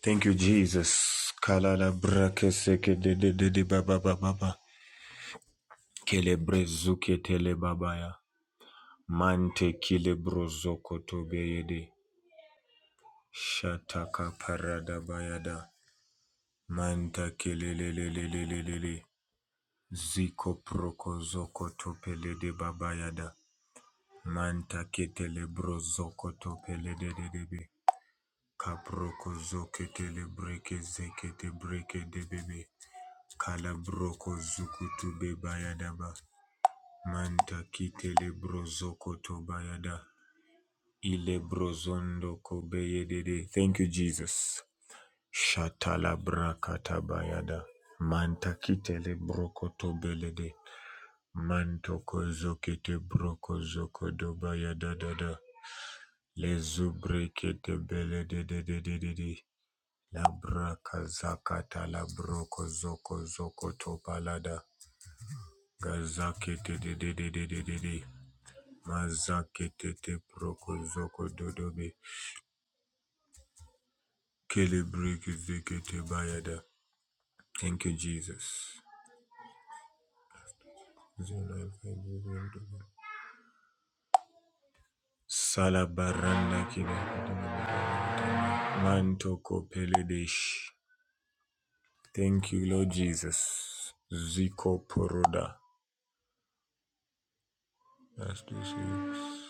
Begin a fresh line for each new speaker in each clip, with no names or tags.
Thank you, Jesus. Kalala brakeseke de de de de ba ba ba Kele brezuke tele babaya. Mante kile brozoko tobe yede. Shataka parada bayada. Manta kele Ziko proko zoko topele de babayada. Manta ketele brozoko topele de de de be. Kaproko zoke tele breke zeke te de bebe. Kalabroko zukutu bebayadaba. Manta kitele brozoko to bayada. Ile brozondo kobeyedede. Thank you, Jesus. Shatala brakata bayada. Manta kitele broko tobelede. Manto kozokete broko zoko do bayada. dada. Lezubrekete belededededede. La braka zakata la broko zoko zoko to palada. Gazakete de de de de de de de. Mazakete te proko zoko dodobe. Kelebrek zekete bayada. Thank you, Jesus. Salabaranda kida. Manto kopeledesh. Thank you, Lord Jesus. Ziko poroda. That's this is.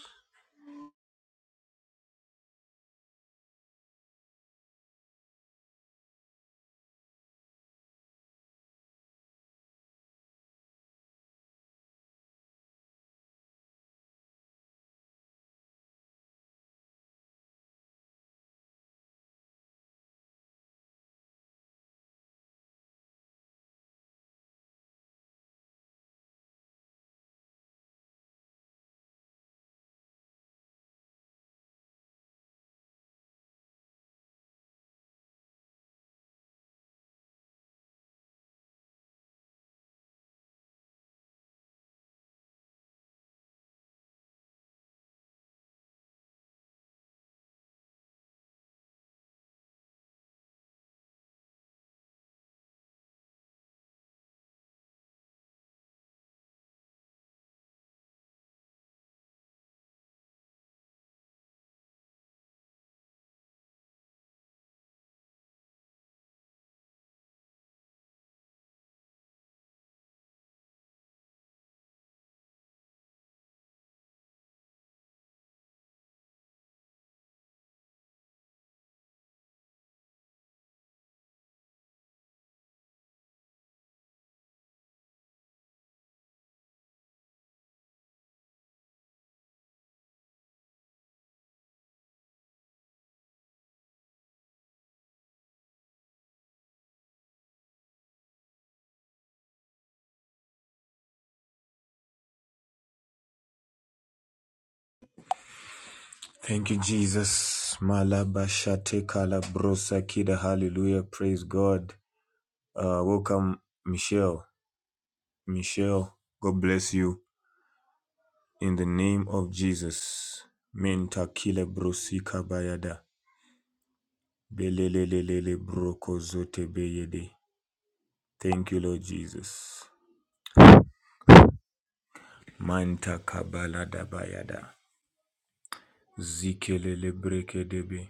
Thank you, Jesus. Malabashate kalabrosa kida. Hallelujah. Praise God. Uh, welcome, Michelle. Michelle, God bless you. In the name of Jesus. Mentakile brosika bayada. Belelelelele brokozote beyede. Thank you, Lord Jesus. Manta kabalada bayada. Zikelele brekedebe.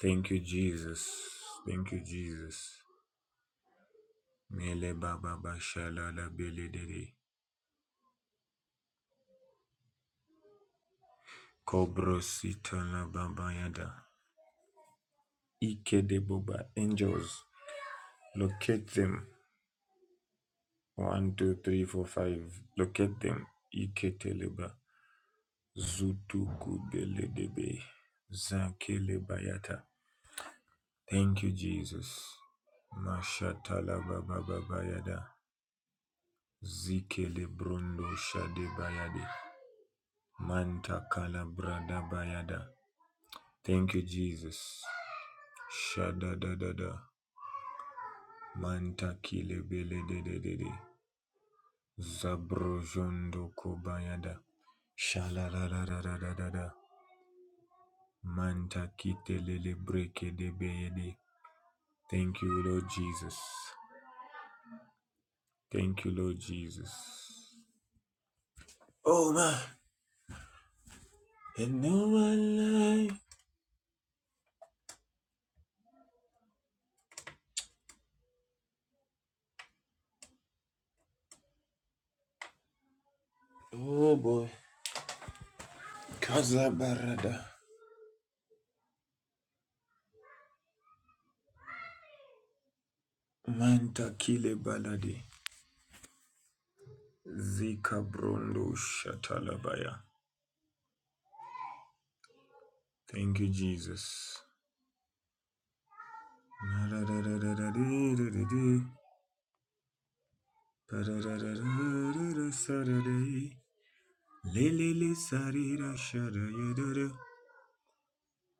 Thank you, Jesus. Thank you, Jesus. Mele baba bashalala beledede. Kobrosita la babayada. Ike de boba angels. Locate them. One, two, three, four, five. Locate them. Iketeleba. Zutukubeledebe. Zakelebayata. Thank you, Jesus. Mashatalabababayada. Zikelebrondo shadebayade. Mantakalabradayada. Thank you, Jesus. Shadadadada. Mantakilebelededede. Zabrojondo kobayada. Shala da da da da da da da. Manta kitelele breke de beyede. Thank you, Lord Jesus. Thank you, Lord Jesus. Oh man, and no one like oh boy. Kaza barada. Manta kile baladi. Zika brondo shatalabaya. Thank you, Jesus. Lelele sarira shadayadada.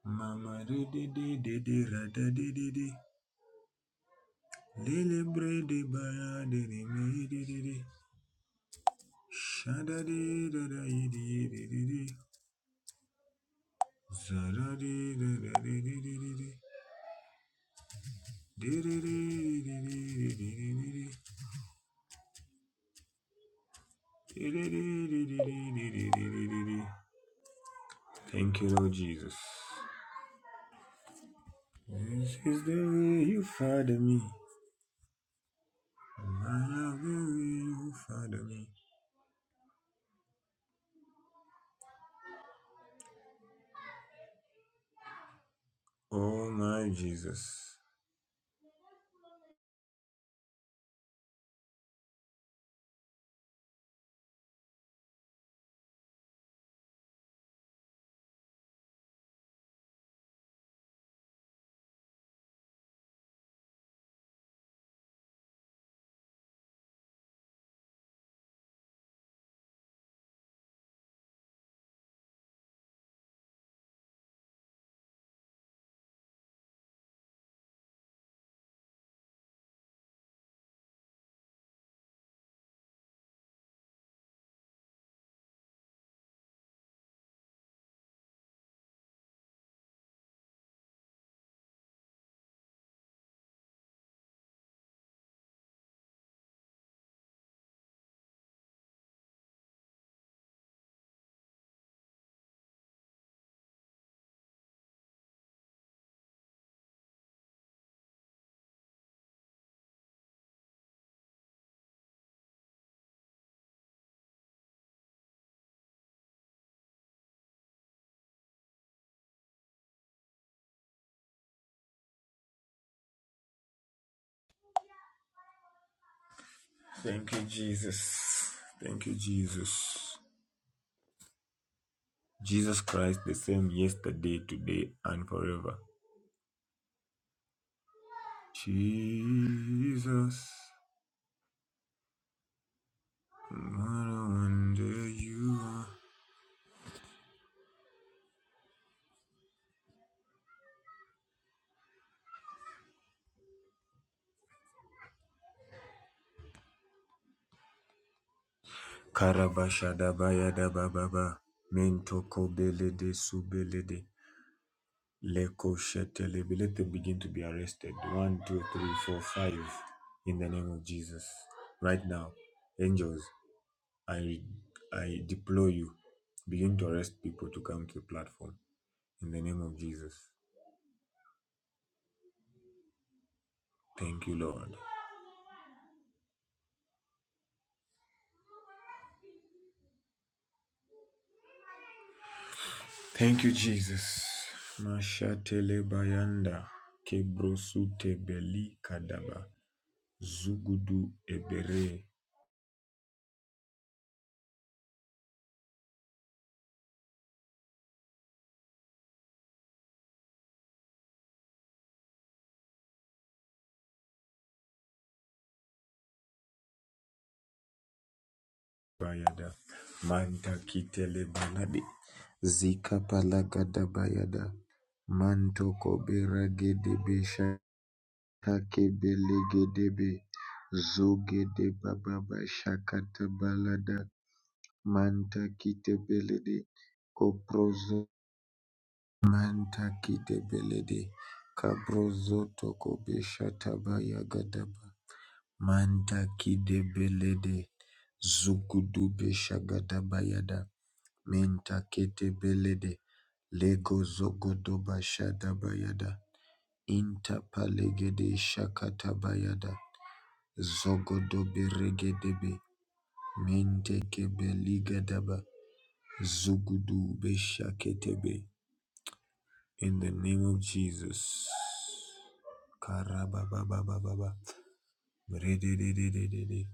Mama de de de de de ra da de de de. Lele bre de ba de de me de de de. Shada de da da ye de ye de de de. Zara de da da de de de de de. De de de de de de de de de de de. De de de de Thank you, Lord Jesus. This is the way you father me. My love, the way you father me. Oh, my Jesus. Thank you, Jesus. Thank you, Jesus. Jesus Christ, the same yesterday, today, and forever. Jesus, what a wonder you are. Karabashadabayada bababa. Mentoko belede subelede. Leko shetelebe. Let them begin to be arrested. One, two, three, four, five. In the name of Jesus. Right now. Angels. I I deploy you. Begin to arrest people to come to the platform. In the name of Jesus. Thank you, Lord. Thank you, Jesus. Mashatele bayanda kebrosute beli kadaba zugudu ebere bayada manta kitele baladi zika palagada bayada manto kobera gede besha Takebellegedebe zogedebababa shakatabalada mantakitebelede koprozo manta mantakitebelede kabrozo toko beshataba yagadaba Manta tokobeshatabayagadaba mantakidebelede zugudubeshagadabayada mentaketebelede legozogodobashadabayada intapalegede shakatabayada Zogodo beregedebe. Menteke beligadaba. Zugudu beshaketebe. In the name of Jesus. Karabababababa. Rededededede.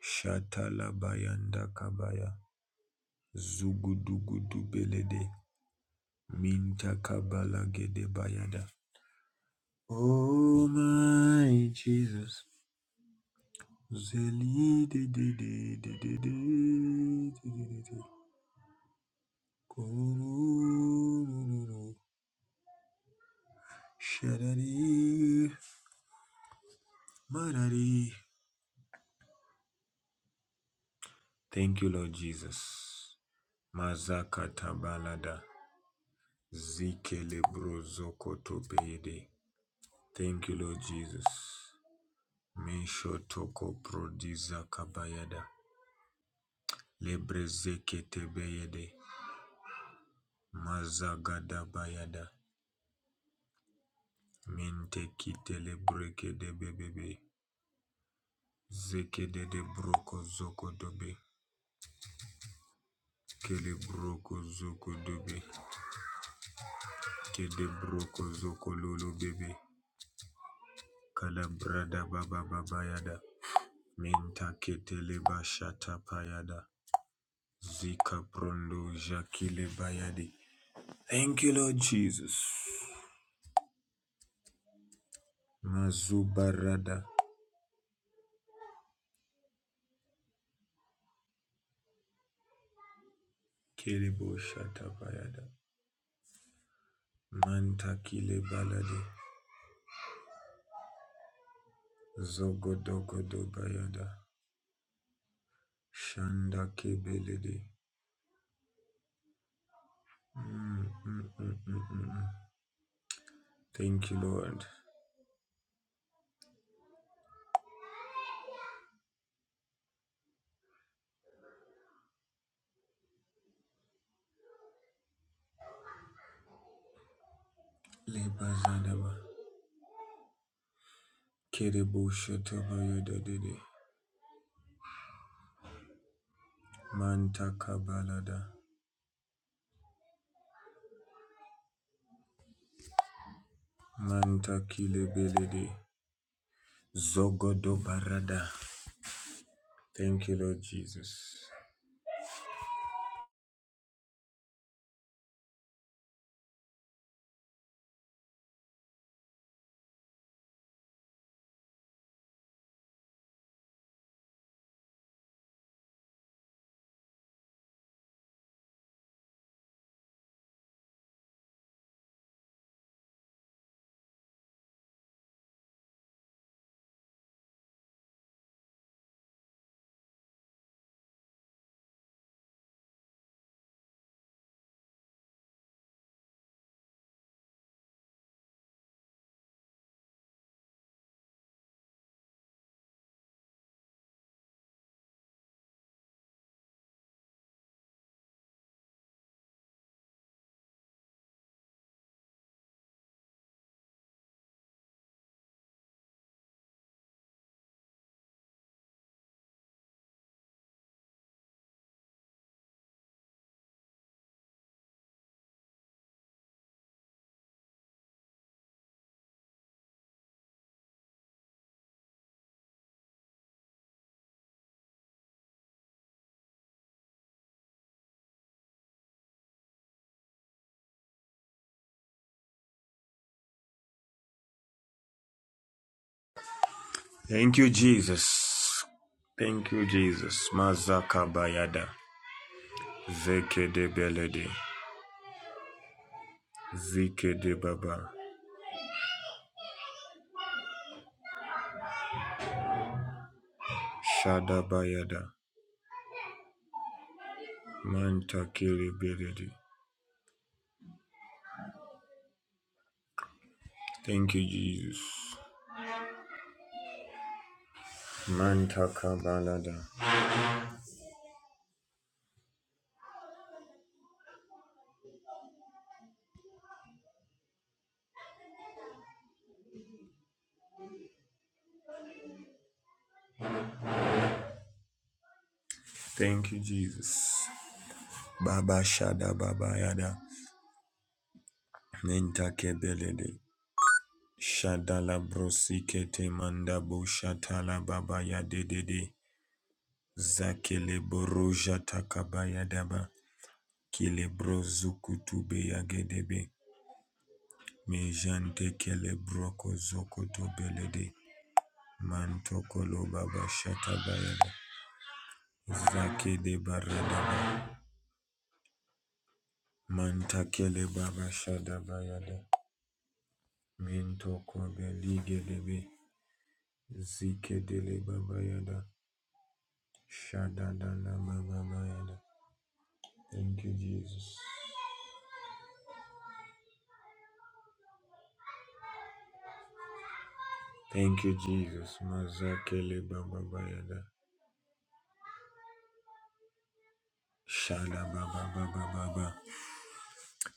Shatala bayanda kabaya. Zugudugudu belede. Minta kabala gede bayada. Oh my Jesus. Zeli de de de de de de de de de de. Kurururu, shadari, marari. Thank you, Lord Jesus. Mazakata balada, zikele brozoko topeyede. Thank you, Lord Jesus. Mesho toko prodiza kabayada, lebrezeke tebeyede, mazagada bayada, mente kitele breke de bebebe, zeke de de broko zoko dobe. Kele zoko dobe. Kede zoko lolo bebe. Kala baba baba yada. Menta ketele bashata payada. Zika prondo jakile bayadi. Thank you, Lord Jesus. Mazubarada. Kelebo shata payada. Manta kile balade. Zogo dogo bayada. Shanda kebelede. Mm, mm, mm, mm, mm. Thank you, Lord. Lebazadaba. Kiribushetubayadadidi. Manta kabalada. Manta kilebelede. Zogodo barada. Thank you, Lord Jesus. Thank you, Jesus. Thank you, Jesus. Mazaka bayada. Zeke de belede. Zike de baba. Shada bayada. Manta kilebelede. Thank you, Jesus. Manta kabalada. Thank you, Jesus. Baba Shada Baba Yada. Mentakebelede. Shadala brosikete mandabo shatala babaya dedede. Zakele boroja takabaya daba. Kele brozukutube yagedebe. Mejante kele broko zokoto belede. Mantokolo baba shatabayada. Zakede baradaba. Mantakele baba shadabayada. Mintoko beligedebe. Zikedele babayada. Shadadana baba Shadadadababa. Thank you, Jesus. Thank you, Jesus. Mazakele baba bayada. Shada baba baba baba.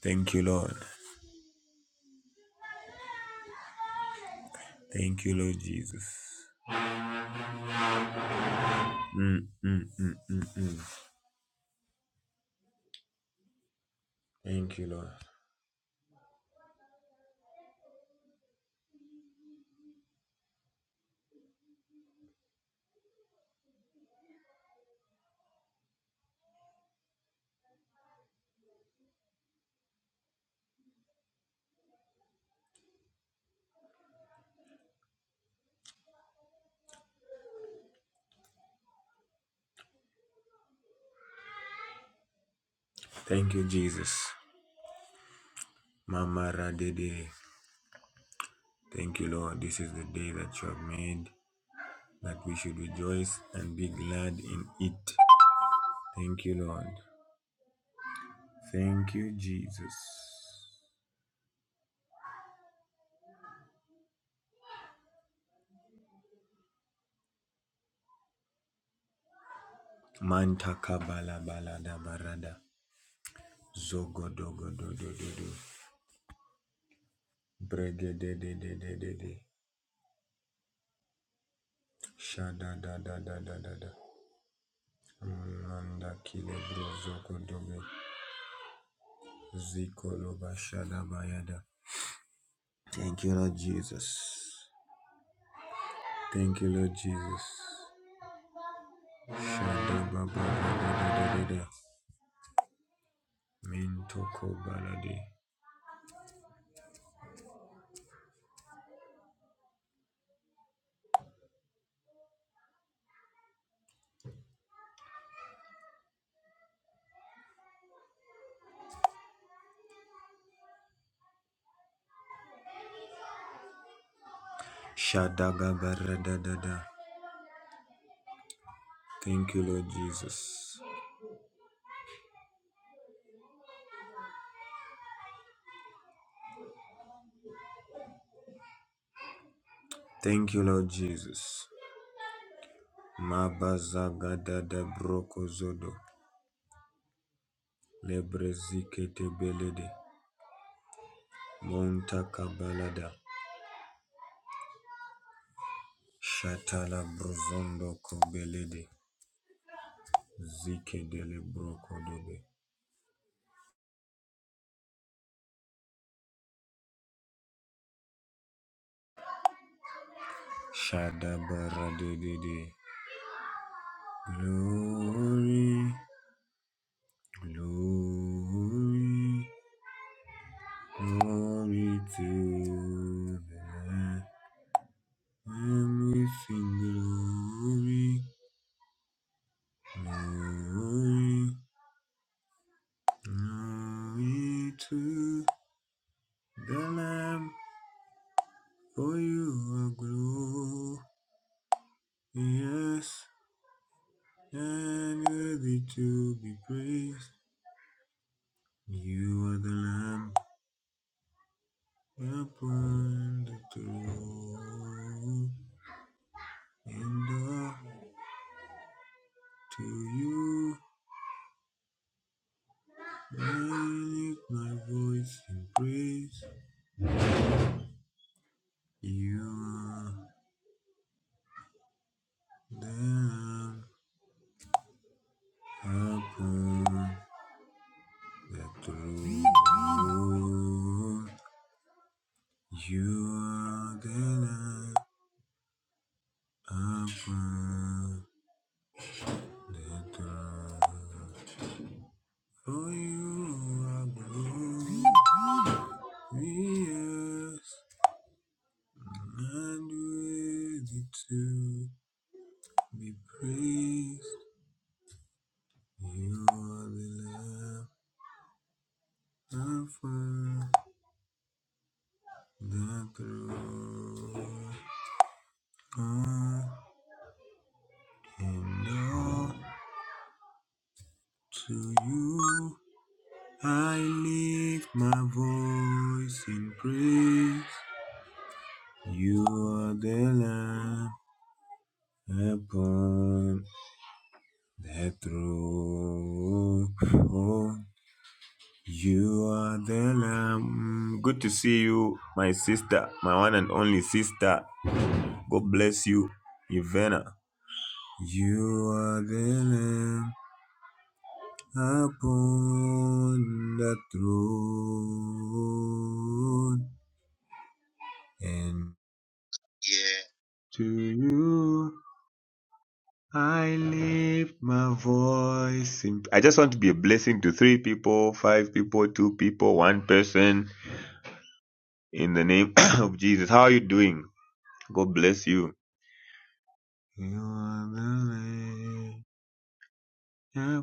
Thank you, Lord. Thank you, Lord Jesus. Mm, mm, mm, mm, mm. Thank you, Lord. Thank you, Jesus. Mama Radede. Thank you, Lord. This is the day that you have made, that we should rejoice and be glad in it. Thank you, Lord. Thank you, Jesus. Mantaka bala bala da barada. Zogo dogo do do do do. Brege de de de de de de. Shada da da da da da da. Manda kile bro zogo dogo. Ziko loba shada bayada. Thank you Lord Jesus. Thank you Lord Jesus. Shada baba da da da da da. Mintoko balade. Shada gabara da da da. Thank you Lord Jesus. Thank you Lord Jesus. Mabazagada da brokozodo lebrezikete belede monta kabalada shatala brozondo kobelede zikedele brokodobe shadabaradedede. Glory, glory, glory to the Lamb. And we sing glory, glory. Glory to the Lamb, for you are glorious and worthy to be praised. You are the Lamb upon the throne, and all to you I lift my voice in praise. You are the Lamb upon the throne. You are gonna open the door. Oh, you are blue. Me, yes, and worthy to be praised. You are the Lamb upon the throne. Oh, and all to you. I lift my voice in praise. You are the Lamb upon the throne. Oh, You are the Lamb. Good to see you, my sister, my one and only sister. God bless you, Ivana. You are the Lamb upon the throne. and.
Yeah.
To you I lift my voice. In... I just want to be a blessing to three people, five people, two people, one person in the name of Jesus. How are you doing? God bless you. You are the light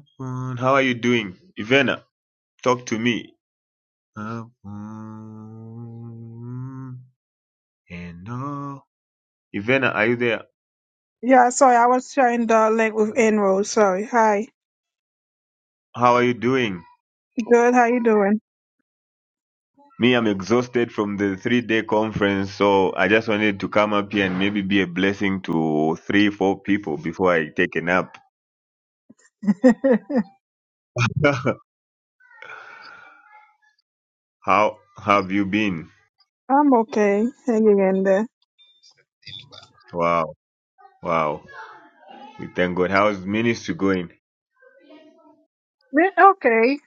How are you doing? Ivana, talk to me. Upon And all. Ivana, are you there?
Yeah, sorry, I was trying to link with Enroll. Sorry. Hi.
How are you doing?
Good. How you doing?
Me, I'm exhausted from the three day conference, so I just wanted to come up here and maybe be a blessing to three, four people before I take a nap. How have you been?
I'm okay. Hanging in there.
Wow, wow. We thank God. How's ministry going?
Yeah, Okay.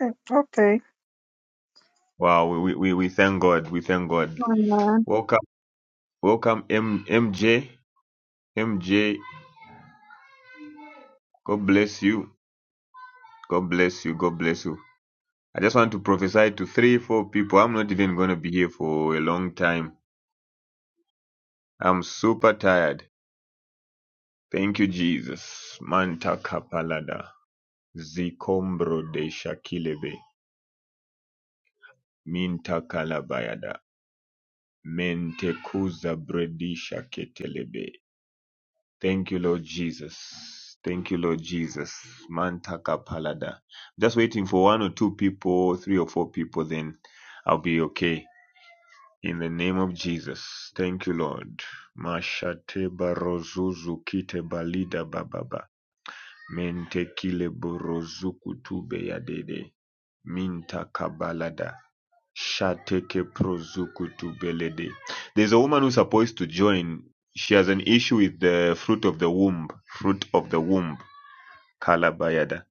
Okay. okay.
Wow, we, we, we we thank God. We thank God.
Amen.
Welcome, welcome, M, MJ. MJ, God bless you. God bless you. God bless you. I just want to prophesy to three, four people. I'm not even going to be here for a long time. I'm super tired. Thank you, Jesus. Manta kapalada. Zikombro de shakilebe. Minta kalabayada. Mente kuza bredi shaketelebe. Thank you, Lord Jesus. Thank you, Lord Jesus. Manta kapalada. Just waiting for one or two people, three or four people, then I'll be okay. In the name of Jesus. Thank you, Lord. Mashate barozuzu kite balida bababa. Mentekile borozuku tube yadede. Minta kabalada. Shateke prozuku tubelede. There's a woman who's supposed to join. She has an issue with the fruit of the womb. Fruit of the womb. Kalabayada.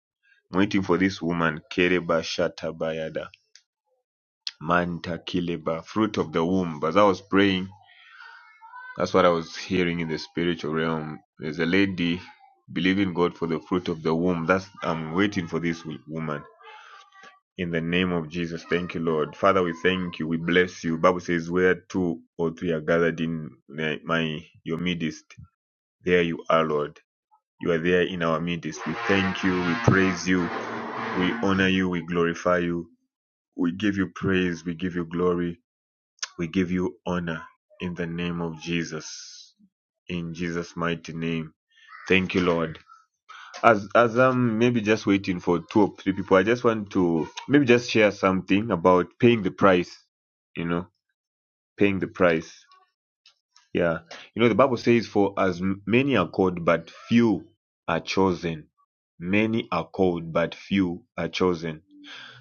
I'm waiting for this woman. Kereba shatabayada. Manta kileba. Fruit of the womb. As I was praying, that's what I was hearing in the spiritual realm. There's a lady believing God for the fruit of the womb. That's I'm waiting for this wo- woman. In the name of Jesus, thank you, Lord. Father, we thank you. We bless you. Bible says, where two or three are gathered in my, my your midst, there you are, Lord. You are there in our midst. We thank you. We praise you. We honor you. We glorify you. We give you praise. We give you glory. We give you honor in the name of Jesus. In Jesus' mighty name. Thank you, Lord. As as I'm maybe just waiting for two or three people, I just want to maybe just share something about paying the price. You know, paying the price. Yeah, you know the Bible says, "For as m- many are called, but few are chosen. Many are called, but few are chosen."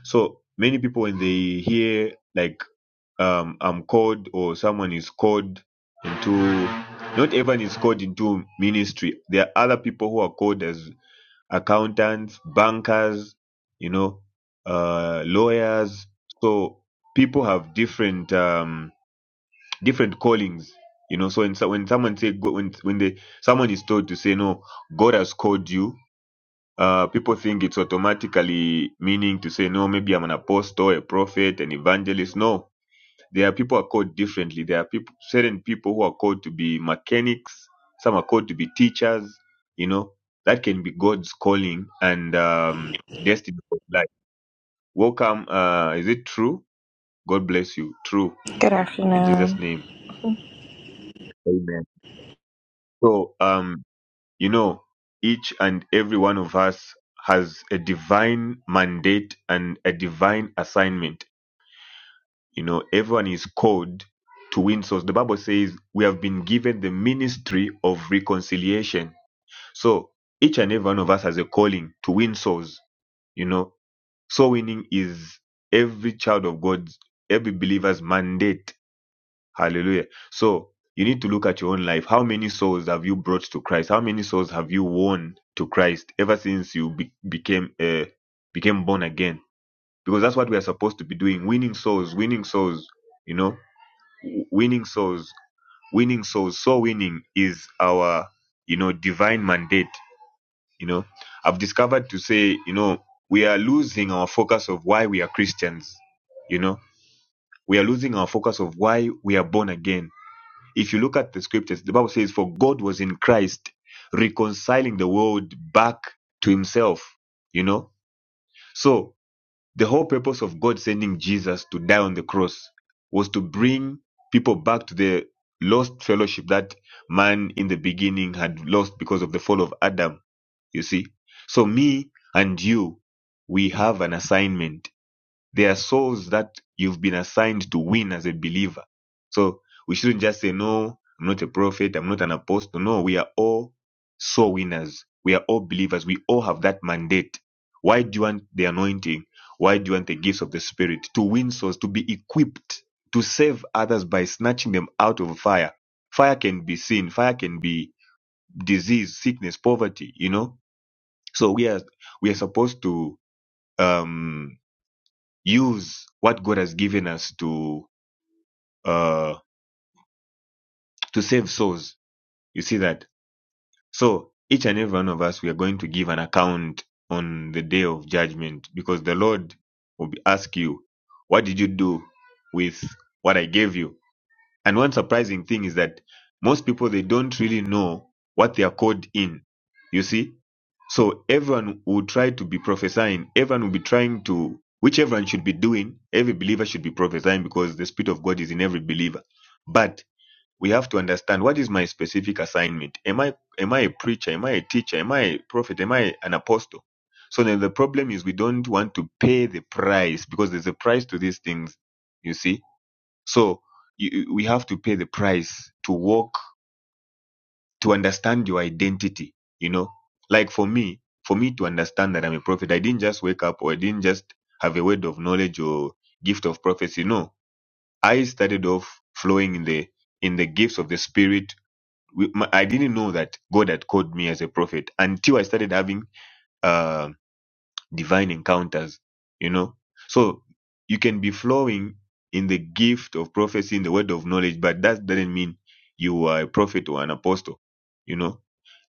So many people, when they hear like um, "I'm called" or "Someone is called," into not everyone is called into ministry. There are other people who are called as accountants, bankers, you know, uh, lawyers. So people have different um, different callings, you know. So when so when someone say go- when when they someone is told to say no, God has called you. Uh, people think it's automatically meaning to say no. Maybe I'm an apostle, a prophet, an evangelist. No, there are people who are called differently. There are people, certain people who are called to be mechanics. Some are called to be teachers. You know, that can be God's calling and um, destiny of life. Welcome. Uh, is it true? God bless you. True.
Good
In Jesus'
afternoon.
name. Amen. So, um, you know, each and every one of us has a divine mandate and a divine assignment You know, everyone is called to win souls. The Bible says we have been given the ministry of reconciliation. So each and every one of us has a calling to win souls. You know, soul winning is every child of God's, every believer's mandate. Hallelujah. So you need to look at your own life. How many souls have you brought to Christ? How many souls have you won to Christ ever since you be- became uh, became born again? Because that's what we are supposed to be doing: winning souls, winning souls. You know winning souls winning souls soul winning is our you know divine mandate you know i've discovered to say you know we are losing our focus of why we are christians you know we are losing our focus of why we are born again if you look at the scriptures the bible says for god was in christ reconciling the world back to himself you know so the whole purpose of God sending Jesus to die on the cross was to bring people back to the lost fellowship that man in the beginning had lost because of the fall of Adam. You see? So, me and you, we have an assignment there are souls that you've been assigned to win as a believer. So we shouldn't just say, no, I'm not a prophet, I'm not an apostle. No, we are all soul winners. We are all believers. We all have that mandate. Why do you want the anointing? Why do you want the gifts of the Spirit? To win souls, to be equipped, to save others by snatching them out of fire. Fire can be sin, fire can be disease, sickness, poverty, you know? So we are we are supposed to um use what God has given us to uh, to save souls. You see that? So each and every one of us, we are going to give an account on the day of judgment because the Lord will be- ask you, "What did you do with what I gave you?" And one surprising thing is that most people they don't really know what they are called in. You see? So everyone will try to be prophesying, everyone will be trying to which everyone should be doing, every believer should be prophesying because the Spirit of God is in every believer. But we have to understand what is my specific assignment. Am I am I a preacher? Am I a teacher? Am I a prophet? Am I an apostle? So then the problem is we don't want to pay the price because there's a price to these things, you see so you, we have to pay the price to walk, to understand your identity, you know? Like for me, for me to understand that I'm a prophet, I didn't just wake up or I didn't just have a word of knowledge or gift of prophecy. No, I started off flowing in the, in the gifts of the spirit. We, my, I didn't know that God had called me as a prophet until I started having, uh, divine encounters, you know. So you can be flowing in the gift of prophecy, in the word of knowledge, but that doesn't mean you are a prophet or an apostle, you know.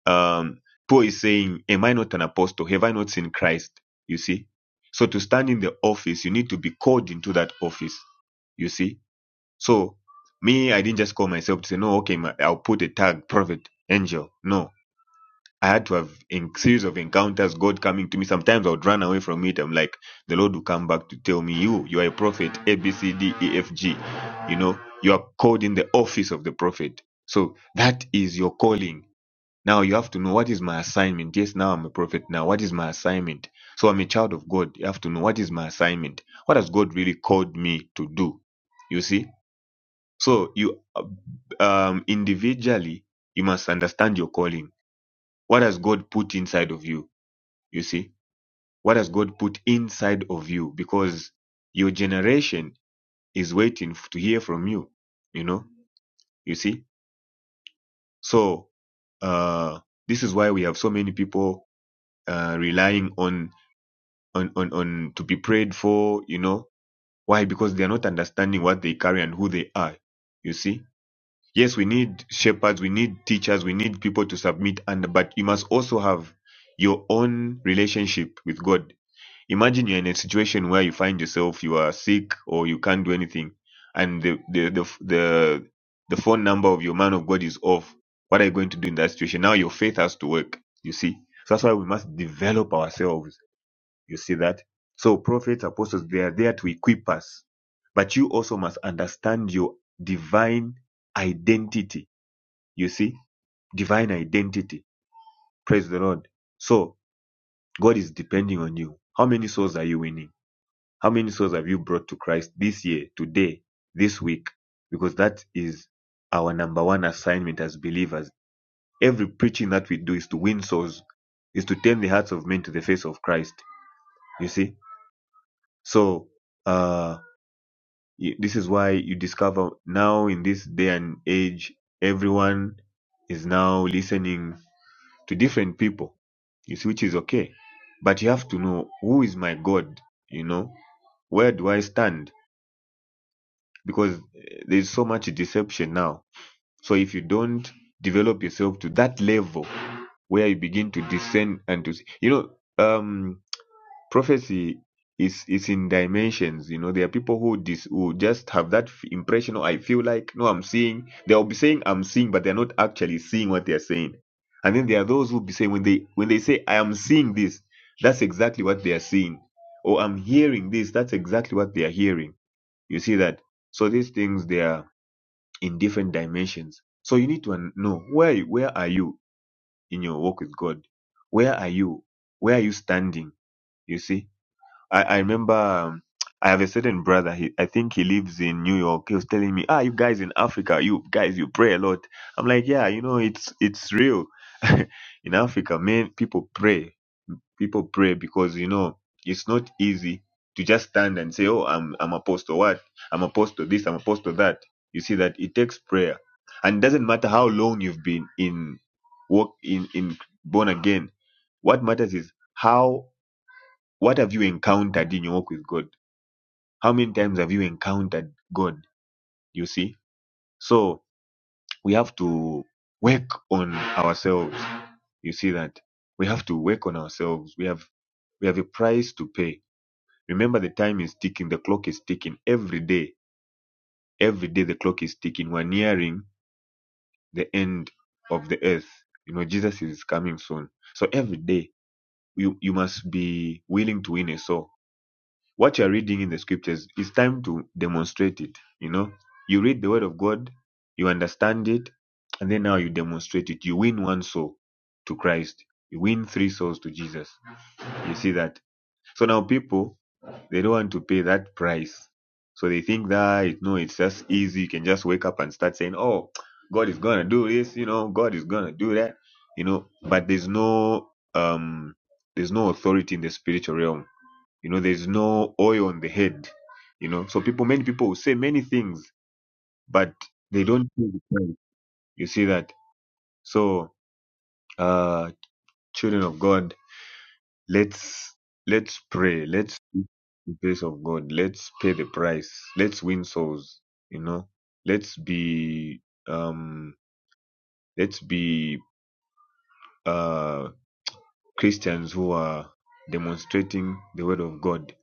Um, Paul is saying, Am I not an apostle? Have I not seen Christ? You see. So to stand in the office, you need to be called into that office, you see. So me, I didn't just call myself to say, No, okay, ma- I'll put a tag, prophet, angel. No, I had to have in series of encounters, God coming to me. Sometimes I would run away from it. I'm like, the Lord will come back to tell me, you, you are a prophet, A, B, C, D, E, F, G. You know, you are called in the office of the prophet. So that is your calling. Now you have to know what is my assignment. Yes, now I'm a prophet. Now, what is my assignment? So I'm a child of God. You have to know what is my assignment. What has God really called me to do? You see? So you, uh, um, individually, you must understand your calling what has God put inside of you? You see? What has God put inside of you? Because your generation is waiting f- to hear from you. You know? You see? So, uh, this is why we have so many people uh, relying on, on, on, on to be prayed for, you know? Why? Because they are not understanding what they carry and who they are. You see? Yes, we need shepherds, we need teachers, we need people to submit under, but you must also have your own relationship with God imagine you're in a situation where you find yourself you are sick or you can't do anything and the the the the, the phone number of your man of god is off what are you going to do in that situation now your faith has to work you see so that's why we must develop ourselves you see that so prophets apostles they are there to equip us but you also must understand your divine identity you see divine identity praise the lord so god is depending on you how many souls are you winning how many souls have you brought to Christ this year, today, this week? Because that is our number one assignment as believers. Every preaching that we do is to win souls, is to turn the hearts of men to the face of Christ. You see? So, uh, this is why you discover now in this day and age, everyone is now listening to different people. You see, which is okay. But you have to know who is my God, you know? Where do I stand? because eh, there's so much deception now. So if you don't develop yourself to that level where you begin to discern and to see, you know, um, prophecy is is in dimensions. You know, there are people who dis, who just have that f- impression. Oh, I feel like no, I'm seeing. They'll be saying I'm seeing, but they're not actually seeing what they're saying. And then there are those who be saying when they when they say I am seeing this, that's exactly what they are seeing. Or I'm hearing this, that's exactly what they are hearing. You see that? So these things they are in different dimensions. So you need to know where you- where are you in your walk with God? Where are you? Where are you standing? You see, I, I remember um, I have a certain brother. He, I think he lives in New York. He was telling me, "Ah, you guys in Africa, you guys, you pray a lot." I'm like, "Yeah, you know, it's it's real. in Africa, man, people pray people pray because you know it's not easy to just stand and say, "Oh, I'm I'm apostle what? I'm apostle this, I'm apostle that." You see that it takes prayer, and it doesn't matter how long you've been in work in in born again. What matters is how what have you encountered in your walk with God? How many times have you encountered God? You see, so we have to work on ourselves. You see that we have to work on ourselves. We have we have a price to pay Remember the time is ticking, the clock is ticking. Every day, every day the clock is ticking. We're nearing the end of the earth. You know, Jesus is coming soon. So every day you, you must be willing to win a soul. What you're reading in the scriptures, it's time to demonstrate it. You know, you read the word of God, you understand it, and then now you demonstrate it. You win one soul to Christ. You win three souls to Jesus. You see that? So now people they don't want to pay that price. So they think that it, no, it's just easy. You can just wake up and start saying, "Oh, God is gonna do this," you know, God is gonna do that, you know. But there's no um, there's no authority in the spiritual realm. You know, there's no oil on the head. You know, so people, many people will say many things, but they don't. do the thing. You see that? So, uh, children of God Let's let's pray. Let's seek the face of God. Let's pay the price. Let's win souls. You know. Let's be um let's be uh Christians who are demonstrating the word of God.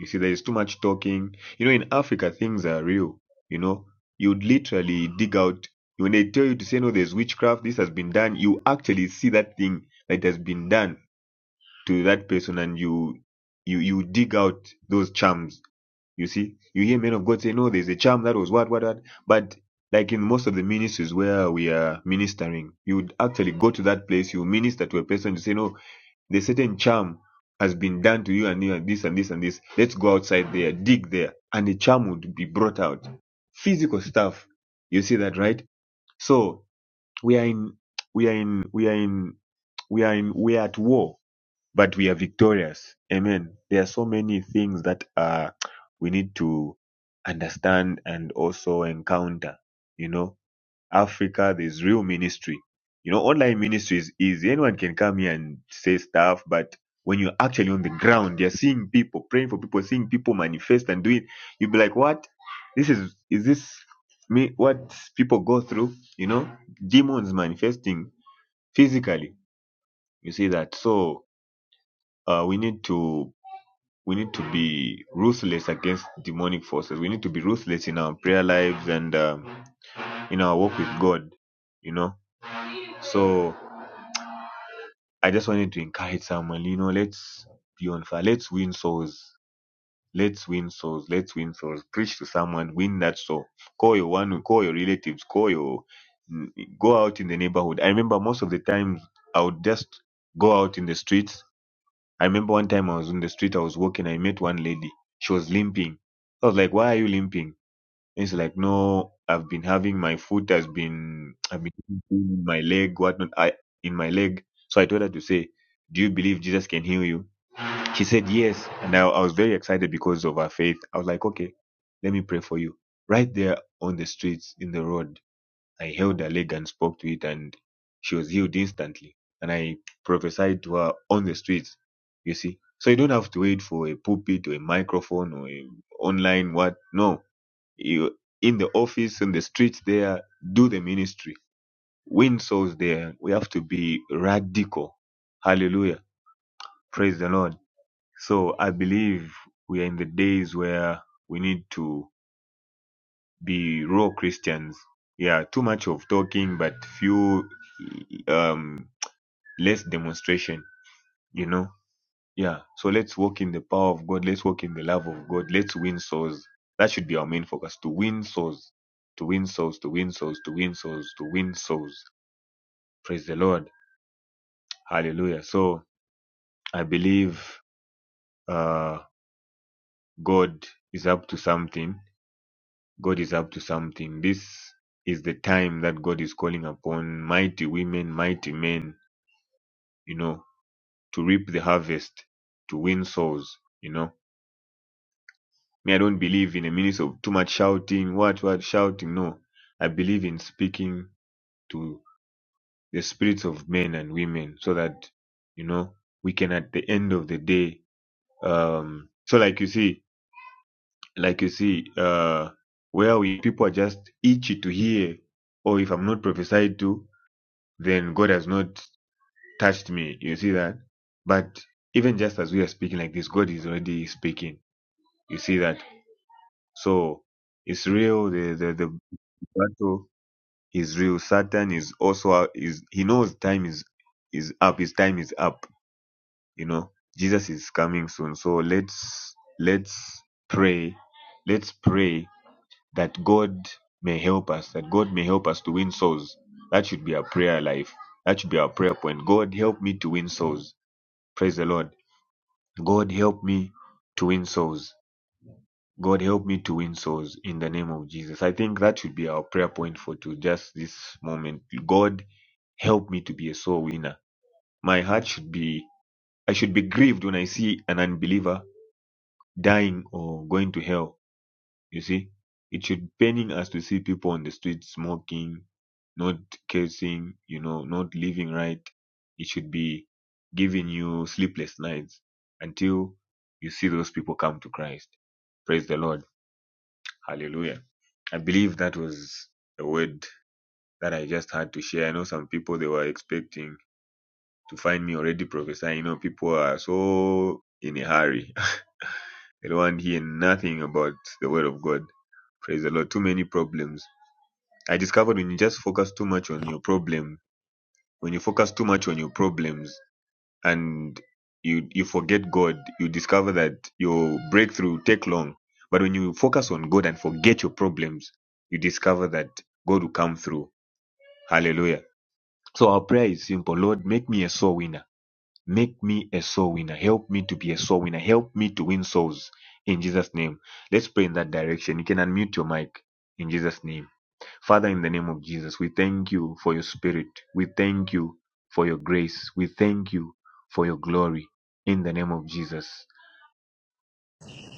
You see, there is too much talking. You know, in Africa things are real, you know. You'd literally dig out when they tell you to say no, there's witchcraft, this has been done, you actually see that thing that has been done to that person and you you you dig out those charms you see, you hear men of God say, no, there's a charm that was what, what, what. But like in most of the ministries where we are ministering, you would actually go to that place, you minister to a person to say, no, the certain charm has been done to you and you and this and this and this. Let's go outside there, dig there. And the charm would be brought out. Physical stuff. You see that, right? So we are in, we are in, we are in, we are in, we are at war but we are victorious. Amen. There are so many things that uh, we need to understand and also encounter. You know, Africa, there's real ministry. You know, online ministry is easy. Anyone can come here and say stuff, but when you're actually on the ground, you're seeing people, praying for people, seeing people manifest and doing, you'll be like, what? This is, is this me? What people go through? You know, demons manifesting physically. You see that. So, uh, we need to we need to be ruthless against demonic forces. We need to be ruthless in our prayer lives and um, in our walk with God, you know. So I just wanted to encourage someone, you know, let's be on fire. Let's win souls. Let's win souls. Let's win souls. Preach to someone. Win that soul. Call your one. Call your relatives. Call your. Go out in the neighborhood. I remember most of the times I would just go out in the streets I remember one time I was in the street, I was walking, I met one lady. She was limping. I was like, Why are you limping? And she's like, No, I've been having my foot has been I've been having pain in my leg, whatnot. I in my leg. So I told her to say, Do you believe Jesus can heal you? She said yes. And I, I was very excited because of her faith. I was like, Okay, let me pray for you. Right there on the streets, in the road. I held her leg and spoke to it, and she was healed instantly. And I prophesied to her on the streets, you see. So you don't have to wait for a pulpit or a microphone or a online what. No, you in the office, in the streets there, do the ministry. Win souls there. We have to be radical. Hallelujah. Praise the Lord. So I believe we are in the days where we need to be raw Christians. Yeah, too much of talking, but few um less demonstration. You know. Yeah. So let's walk in the power of God. Let's walk in the love of God. Let's win souls. That should be our main focus: to win souls, to win souls, to win souls, to win souls, to win souls. Praise the Lord. Hallelujah. So I believe uh God is up to something God is up to something. This is the time that God is calling upon mighty women, mighty men, you know, to reap the harvest, to win souls, you know. Me, I don't believe in a ministry of too much shouting, what, what, shouting. No, I believe in speaking to the spirits of men and women so that, you know, we can at the end of the day, um, so like you see, like you see, uh, where we people are just itchy to hear, or if I'm not prophesied to, then God has not touched me. You see that? But even just as we are speaking like this, God is already speaking. You see that? So it's real. The the, the battle is real. Satan is also is he knows time is is up. His time is up. You know, Jesus is coming soon. So let's let's pray. Let's pray that God may help us. That God may help us to win souls. That should be our prayer life. That should be our prayer point. God help me to win souls. Praise the Lord. God help me to win souls. God help me to win souls in the name of Jesus. I think that should be our prayer point for to just this moment. God help me to be a soul winner. My heart should be I should be grieved when I see an unbeliever dying or going to hell You see, it should paining us to see people on the street smoking, not cursing, you know, not living right. It should be giving you sleepless nights until you see those people come to Christ. Praise the Lord. Hallelujah. I believe that was a word that I just had to share. I know some people they were expecting to find me already prophesying. You know, people are so in a hurry. they don't want to hear nothing about the word of God. Praise the Lord. Too many problems I discovered when you just focus too much on your problem, when you focus too much on your problems and you you forget God, you discover that your breakthrough take long. But when you focus on God and forget your problems, you discover that God will come through. Hallelujah. So our prayer is simple. Lord, make me a soul winner. Make me a soul winner. Help me to be a soul winner. Help me to win souls in Jesus' name. Let's pray in that direction. You can unmute your mic in Jesus' name. Father, in the name of Jesus, we thank you for your spirit. We thank you for your grace. We thank you for your glory. In the name of Jesus.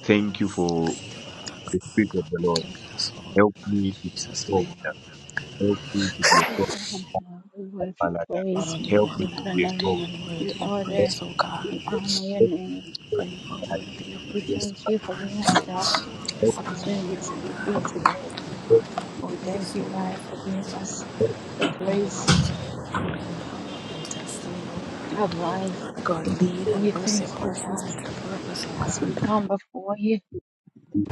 Thank you for the spirit of the Lord. Help me to
Jesus'
talk.
name.
Help me to be a
Father
soul
God, hallelujah. we worship
palada.
praise,
Lord,
we
you
Help
are
me to
worship your
be a
name,
worthy
soul.
and
we
worthy of
honor,
praise, O God.
we honor your name.
For you are worthy of
We
praise,
thank you
O
for
God.
giving
Yes,
us the
I am.
opportunity to be here today. We thank
Yes, O
you, God, for giving us
Lord.
the grace
Destiny,
of life.
O God, God, lead
We
and bless
thank
your
you,
to
God,
the purpose, O
as we
God.
come before you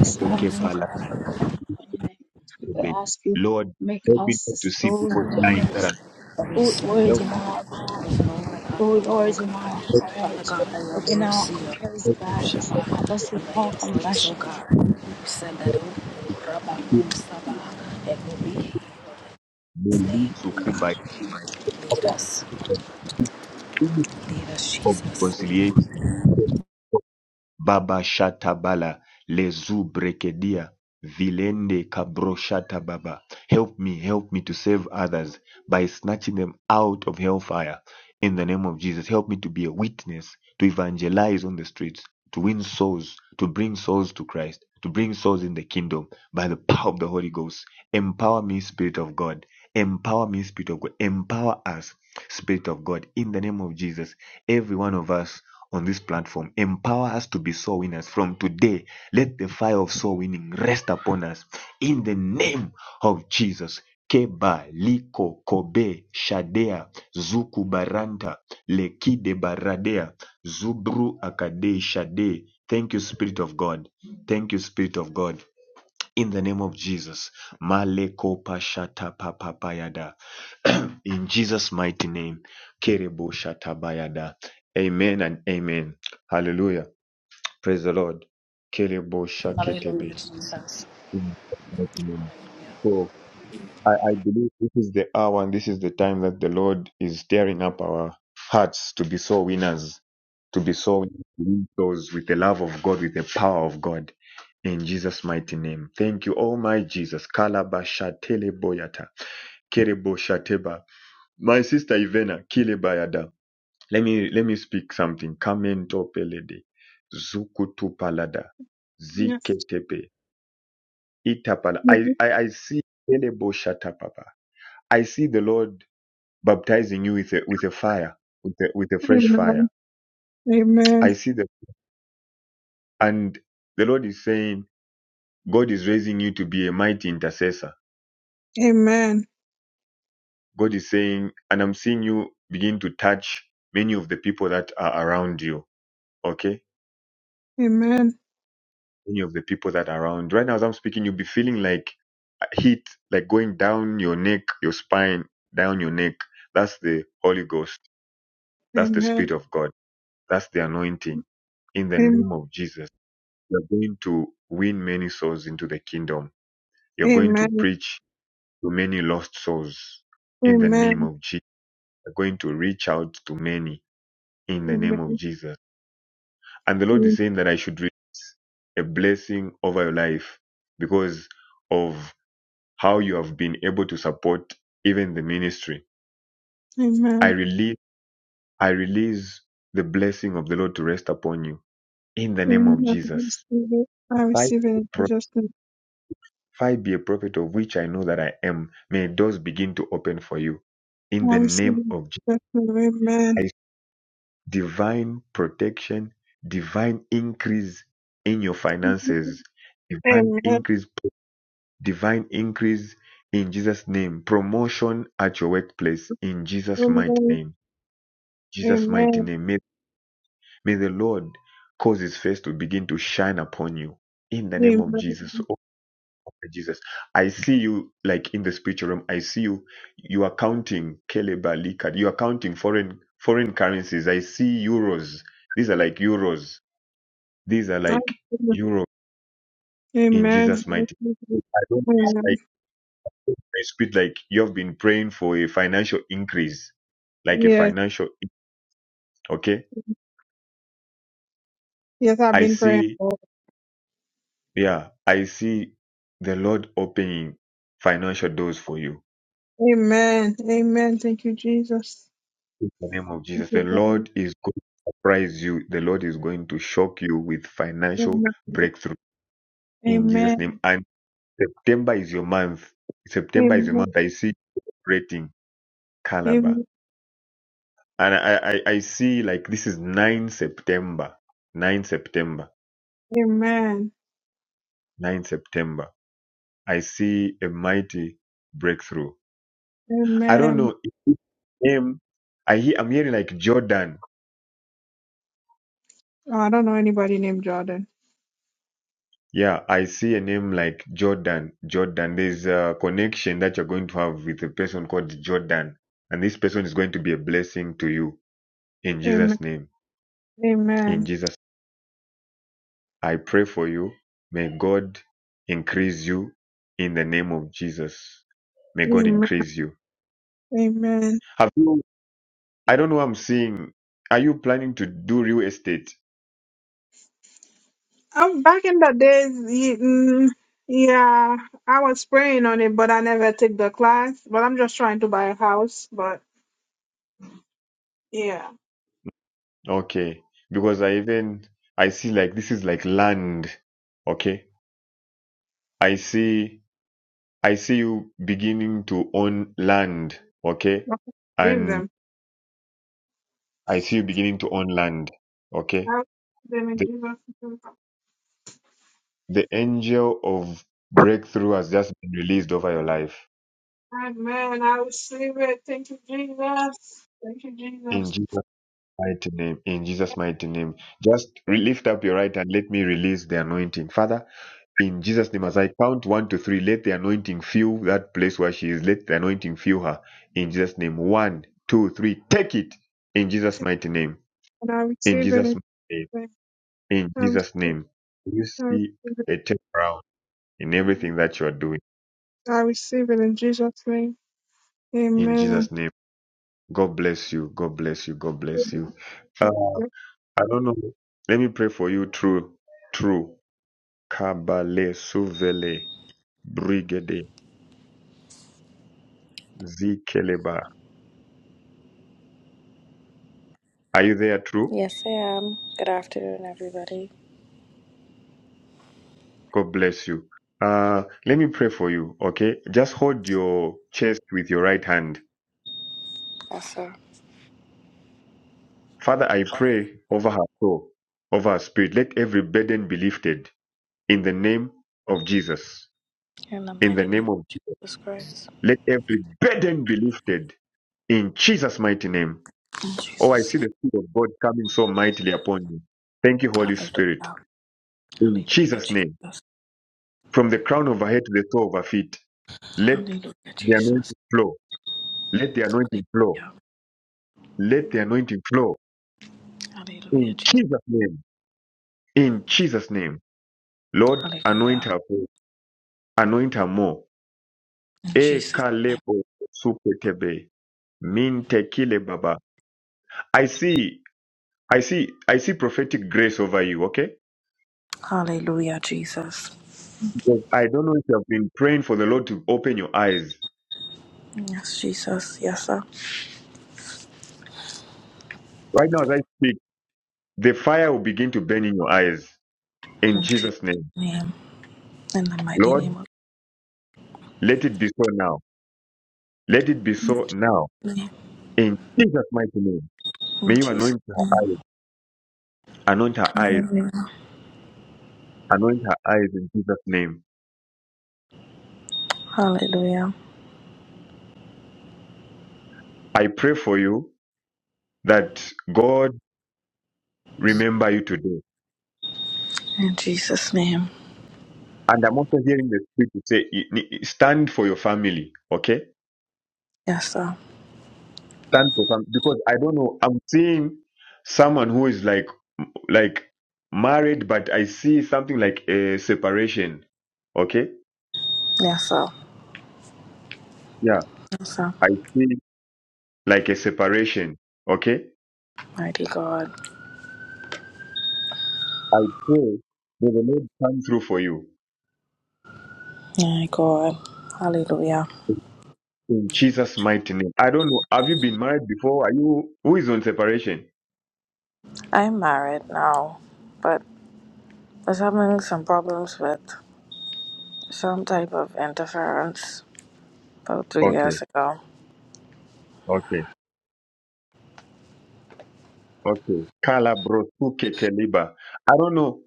in lives,
morning, God, we
O God.
are calling upon your name. We ask you,
Lord,
make
help me
us
not
the
to see
soul
people dying. that
winners,
are-
Every
put
sin, oh
words
Help
in
me.
our
God,
mouth.
there is no one like
Oh
you,
Lord,
oh
in our
Help
God. Father
heart,
God, by your
open our
mercy,
eyes,
me. Help
your
God. Help
me.
us
Shabbat,
with
and by
all
your grace, oh
compassion.
God, you said that
Help
oh, Rabbi
me. Help
Kusaba, it will be healed in His name. Lead us,
me.
lead us,
Help me.
Jesus.
Help me. Baba Shata Bala Lezu Brekedia Vilende Kabro Shata Baba. Help me, help me to save others by snatching them out of hellfire in the name of Jesus. Help me to be a witness, to evangelize on the streets, to win souls, to bring souls to Christ, to bring souls in the kingdom by the power of the Holy Ghost. Empower me, Spirit of God. Empower me, Spirit of God. Empower us Spirit of God, in the name of Jesus, every one of us on this platform, empower us to be soul winners. From today, let the fire of soul winning rest upon us in the name of Jesus. Keba, Liko, Kobe, Shadea, Zuku Baranta, Lekide Baradea, Zubru Akade Shade. Thank you, Spirit of God. Thank you, Spirit of God in the name of Jesus. Maleko pashata papapayada. in Jesus' mighty name. Kerebo shatabayada. Amen and amen. Hallelujah. Praise the Lord. Kerebo
Hallelujah,
shaketebe.
Jesus.
In Jesus' mighty name. So I, I believe this is the hour and this is the time that the Lord is stirring up our hearts to be so winners, to be so those with the love of God, with the power of God. In Jesus' mighty name. Thank you, oh my Jesus. Kalabashatele boyata. Kerebo Shateba. My sister Ivena, Kilebayada. Let me let me speak something. Kamento pelede. Zukutu palada.
Yes.
Ziketepe. Itapala. I,
Yes.
I, I see Kelebo Shatapapa. I see the Lord baptizing you with a, with a fire, with a, with a fresh fire.
Amen. Amen.
I see the, and the Lord is saying, God is raising you to be a mighty intercessor. God is saying, and I'm seeing you begin to touch many of the people that are around you. Okay.
Amen.
Many of the people that are around. Right now, as I'm speaking, you'll be feeling like a heat, like going down your neck, your spine, down your neck. That's the Holy Ghost. That's the
Amen.
Spirit of God. That's the anointing in the
Amen. Am-
name of Jesus. You're going to win many souls into the kingdom. You're going to
Amen.
preach to many lost souls in the name of Jesus. You're going to reach out to many in the name of
Amen.
Jesus. And the Lord is saying that I should receive a blessing over your life because of how you have been able to support even the ministry. I
Amen.
release, I release the blessing of the Lord to rest upon you in the name of
Amen. Amen. I
Jesus.
receive it. I
By
receive it in
the
Jesus' name.
If I be a prophet of which I know that I am, may doors begin to open for you. In
I
the
receive
name
it.
of Jesus,
in Jesus' name.
divine protection, divine increase in your finances, divine
Amen. Amen.
increase, divine increase in Jesus' name, promotion at your workplace in Jesus' mighty
Amen.
name. Jesus' mighty
Amen.
name. May, may the Lord cause his face to begin to shine upon you. In the name of Jesus.
Amen.
Jesus, I see you like in the spiritual realm. I see you. You are counting Keleba Likad. You are counting foreign foreign currencies. I see euros. These are like euros. These are
I
like
agree.
euro in
Amen.
Jesus'
I
mighty.
do.
I don't it's
Amen.
like my spirit. Like you've been praying for a financial increase, like a
Yes.
financial. Okay,
Yes, I've
I
been praying.
see.
Lord.
Yeah, I see the Lord opening financial doors for you.
Amen. Amen. Thank you, Jesus.
In the name of
Thank
Jesus, the
you, God.
Lord is going to surprise you. The Lord is going to shock you with financial
Amen.
breakthrough in Jesus' name.
Amen.
And September is your month. September is your
Amen.
month. I see rating Calabar.
Amen.
And I, I, I see like this is 9 September. 9 September.
Amen.
9 September. I see a mighty breakthrough. I don't
Amen.
know. If his name, I hear, I'm hearing like Jordan.
Oh, I don't know anybody named Jordan.
Yeah, I see a name like Jordan. Jordan, there's a connection that you're going to have with a person called Jordan. And this person is going to be a blessing to you in
Amen.
Jesus' name. In
Amen.
Jesus, I pray for you. May God increase you in the name of Jesus. May God
Amen.
increase you.
Amen.
Have you, I don't know, I'm seeing, are you planning to do real estate?
Um, back in the days, ye- mm, yeah, I was praying on it, but I never took the class. But I'm just trying to buy a house. But Yeah.
Okay. Because I even, I see like, this is like land. Okay. I see. I see you beginning to own land, okay?
Leave
And
them.
I see you beginning to own land, okay?
I Out them in
The,
Jesus' name.
the angel of breakthrough has just been released over your life.
Amen. I receive it. Thank you, Jesus. Thank you,
In
Jesus.
Jesus' mighty name, in Jesus' mighty name. Just re- lift up your right and let me release the anointing. Father, in Jesus' name, as I count one to three, let the anointing fill that place where she is. Let the anointing fill her. In Jesus' name. One, two, three. Take it. In Jesus' mighty name.
And I
In
receive it
Jesus'
in
name.
Jesus' name.
In
I receive
Jesus'
it.
name, you
I
see
receive
a turnaround in
it.
everything that you are doing.
I receive it in Jesus' name.
In
Amen.
Jesus' name, God bless you. God bless you. God bless you. Uh, I don't know. Let me pray for you. True, true. Kabale suvele brigade zikeleba. Are you there? True.
Yes, I am. Good afternoon, everybody.
God bless you. Uh, let me pray for you. Okay. Just hold your chest with your right hand.
Also,
Father, I pray over her soul, over her spirit. Let every burden be lifted In the name of Jesus.
in the
In the
mighty name
name of
of Jesus Christ,
let every burden be lifted in Jesus' mighty name.
in
Oh, I
Jesus'
see
name.
the Spirit of God coming so mightily upon you. Thank you, Holy Spirit.
Hallelujah.
In
Hallelujah,
Jesus' name,
Jesus.
from the crown of our head to the toe of our feet, let
Hallelujah,
the anointing
Jesus.
flow. Let the anointing flow.
Hallelujah.
Let the anointing flow.
Hallelujah,
In
Jesus.
Jesus' name. In Jesus' name. Lord, anoint
Hallelujah.
her. more. Anoint her more.
In
E
Jesus' name.
kalebo supetebe. Minte kile baba. I see. I see I see prophetic grace over you, okay?
Hallelujah, Jesus.
Because I don't know if you have been praying for the Lord to open your eyes.
Yes, Jesus. Yes, sir.
Right now, as I speak, the fire will begin to burn in your eyes. In
In
Jesus'
Jesus'
name.
name. In the mighty
Lord,
name of
let it be so now. Let it be so now.
Jesus.
In Jesus' mighty name.
In
May you
Jesus'
anoint her
name.
eyes. Anoint her eyes.
Hallelujah.
Anoint her eyes in Jesus' name.
Hallelujah.
I pray for you that God remember you today.
In Jesus' name.
And I'm also hearing the Spirit to say, stand for your family, okay?
Yes, sir.
stand for some because I don't know. I'm seeing someone who is like like married, but I see something like a separation. Okay,
Yes, sir.
yeah,
Yes, sir.
I see like a separation. Okay,
Mighty God.
I pray may the Lord come through for you
My God. Hallelujah.
in Jesus' mighty name. I don't know. Have you been married before? Are you who is on separation?
I'm married now, but was having some problems with some type of interference about three
Okay,
years ago.
okay. Okay. Kalabrotuketeliba. I don't know.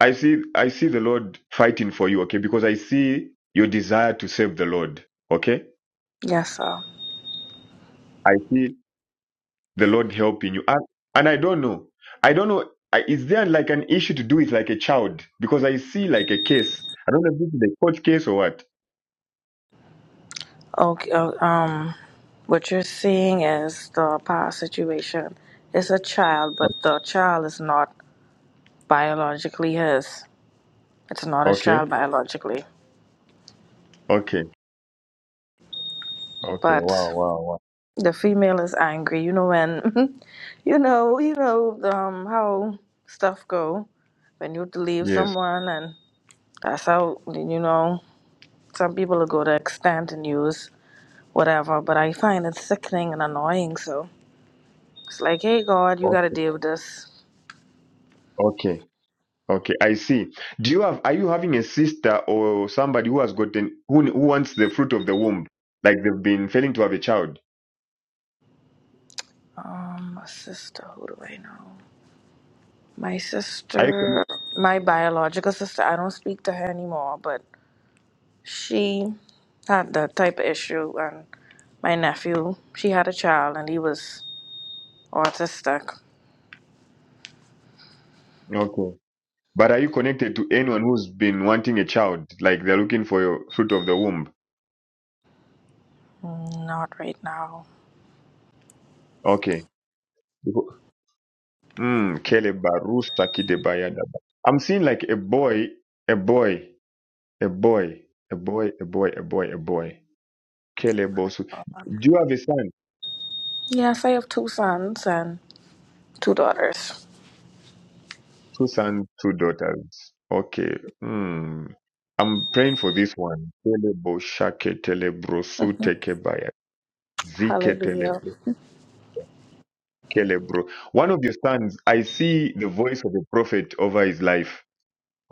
I see I see the Lord fighting for you, okay? Because I see your desire to serve the Lord. Okay?
Yes, sir.
I see the Lord helping you. And, and I don't know. I don't know. I, is there like an issue to do with like a child? Because I see like a case. I don't know if this is a court case or what.
Okay. oh, Um, what you're seeing is the past situation. It's a child, but the child is not biologically his. It's not a
Okay.
child biologically,
Okay. Okay.
but
Wow, wow, wow.
the female is angry. You know when, you know, you know um, how stuff go when you leave
Yes.
someone, and that's how you know some people will go to extent and use whatever. But I find it sickening and annoying. So. It's like, hey, God, you
O-
got to deal with this.
Okay. Okay, I see. Do you have, are you having a sister or somebody who has gotten, who, who wants the fruit of the womb? Like they've been failing to have a child?
Um, my sister, who do I know? My
Are you,
sister, my biological sister. I don't speak to her anymore, but she had that type of issue, and my nephew, she had a child, and he was autistic.
okay. But are you connected to anyone who's been wanting a child? Like they're looking for your fruit of the womb?
Mm, Not right now.
Okay. Mm, Kele Barusa Kidebaya Daba. I'm seeing like a boy, a boy, a boy, a boy, a boy, a boy, a boy. Kele Bosu. Do you have a son?
Yes, I have two sons and two daughters.
Two sons, two daughters. Okay. hmm. I'm praying for this one. Kelebo shake telebro su tekebaya. Zike
Hallelujah.
telebro kelebro. One of your sons, I see the voice of the prophet over his life.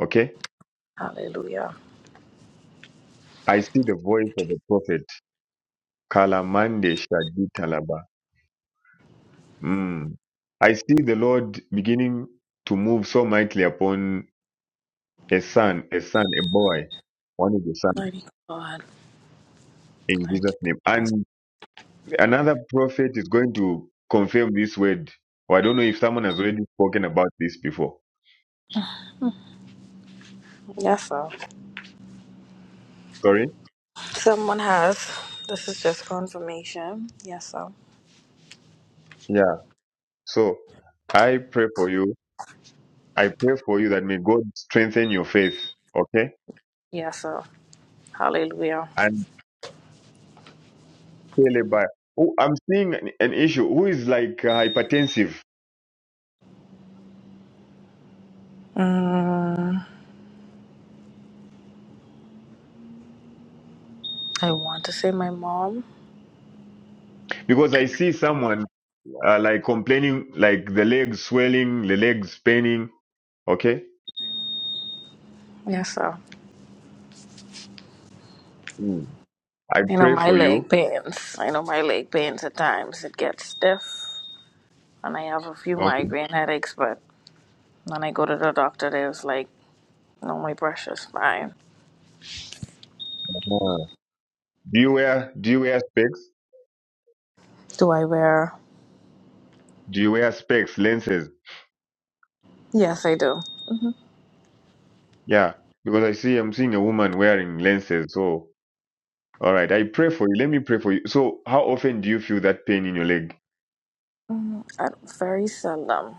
Okay?
Hallelujah.
I see the voice of the prophet. Kalamande shaditalaba. Mm. I see the Lord beginning to move so mightily upon a son, a son, a boy, one of your sons
Mighty God.
in
Thank
Jesus'
you.
name. And Another prophet is going to confirm this word. Or I don't know if someone has already spoken about this before.
Yes, sir.
Sorry?
Someone has. This is just confirmation. Yes, sir.
Yeah. So I pray for you. I pray for you that may God strengthen your faith. Okay?
Yes, sir. Hallelujah.
And by Oh, I'm seeing an an issue. Who is like uh, hypertensive?
Mm, I want to say my mom.
Because I see someone uh, like complaining, like the legs swelling, the legs paining. Okay,
Yes, sir.
Mm. I
I know
pray
my
for you.
leg pains. I know my leg pains at times. It gets stiff, and I have a few
Okay.
migraine headaches. But when I go to the doctor, they was like, "No, my precious, fine."
Ah. Do you wear Do you wear specs?
Do I wear?
Do you wear specs, lenses?
Yes, I do. hmm
Yeah, because I see I'm seeing a woman wearing lenses. So, all right, I pray for you. Let me pray for you. So, how often do you feel that pain in your leg?
I, very seldom.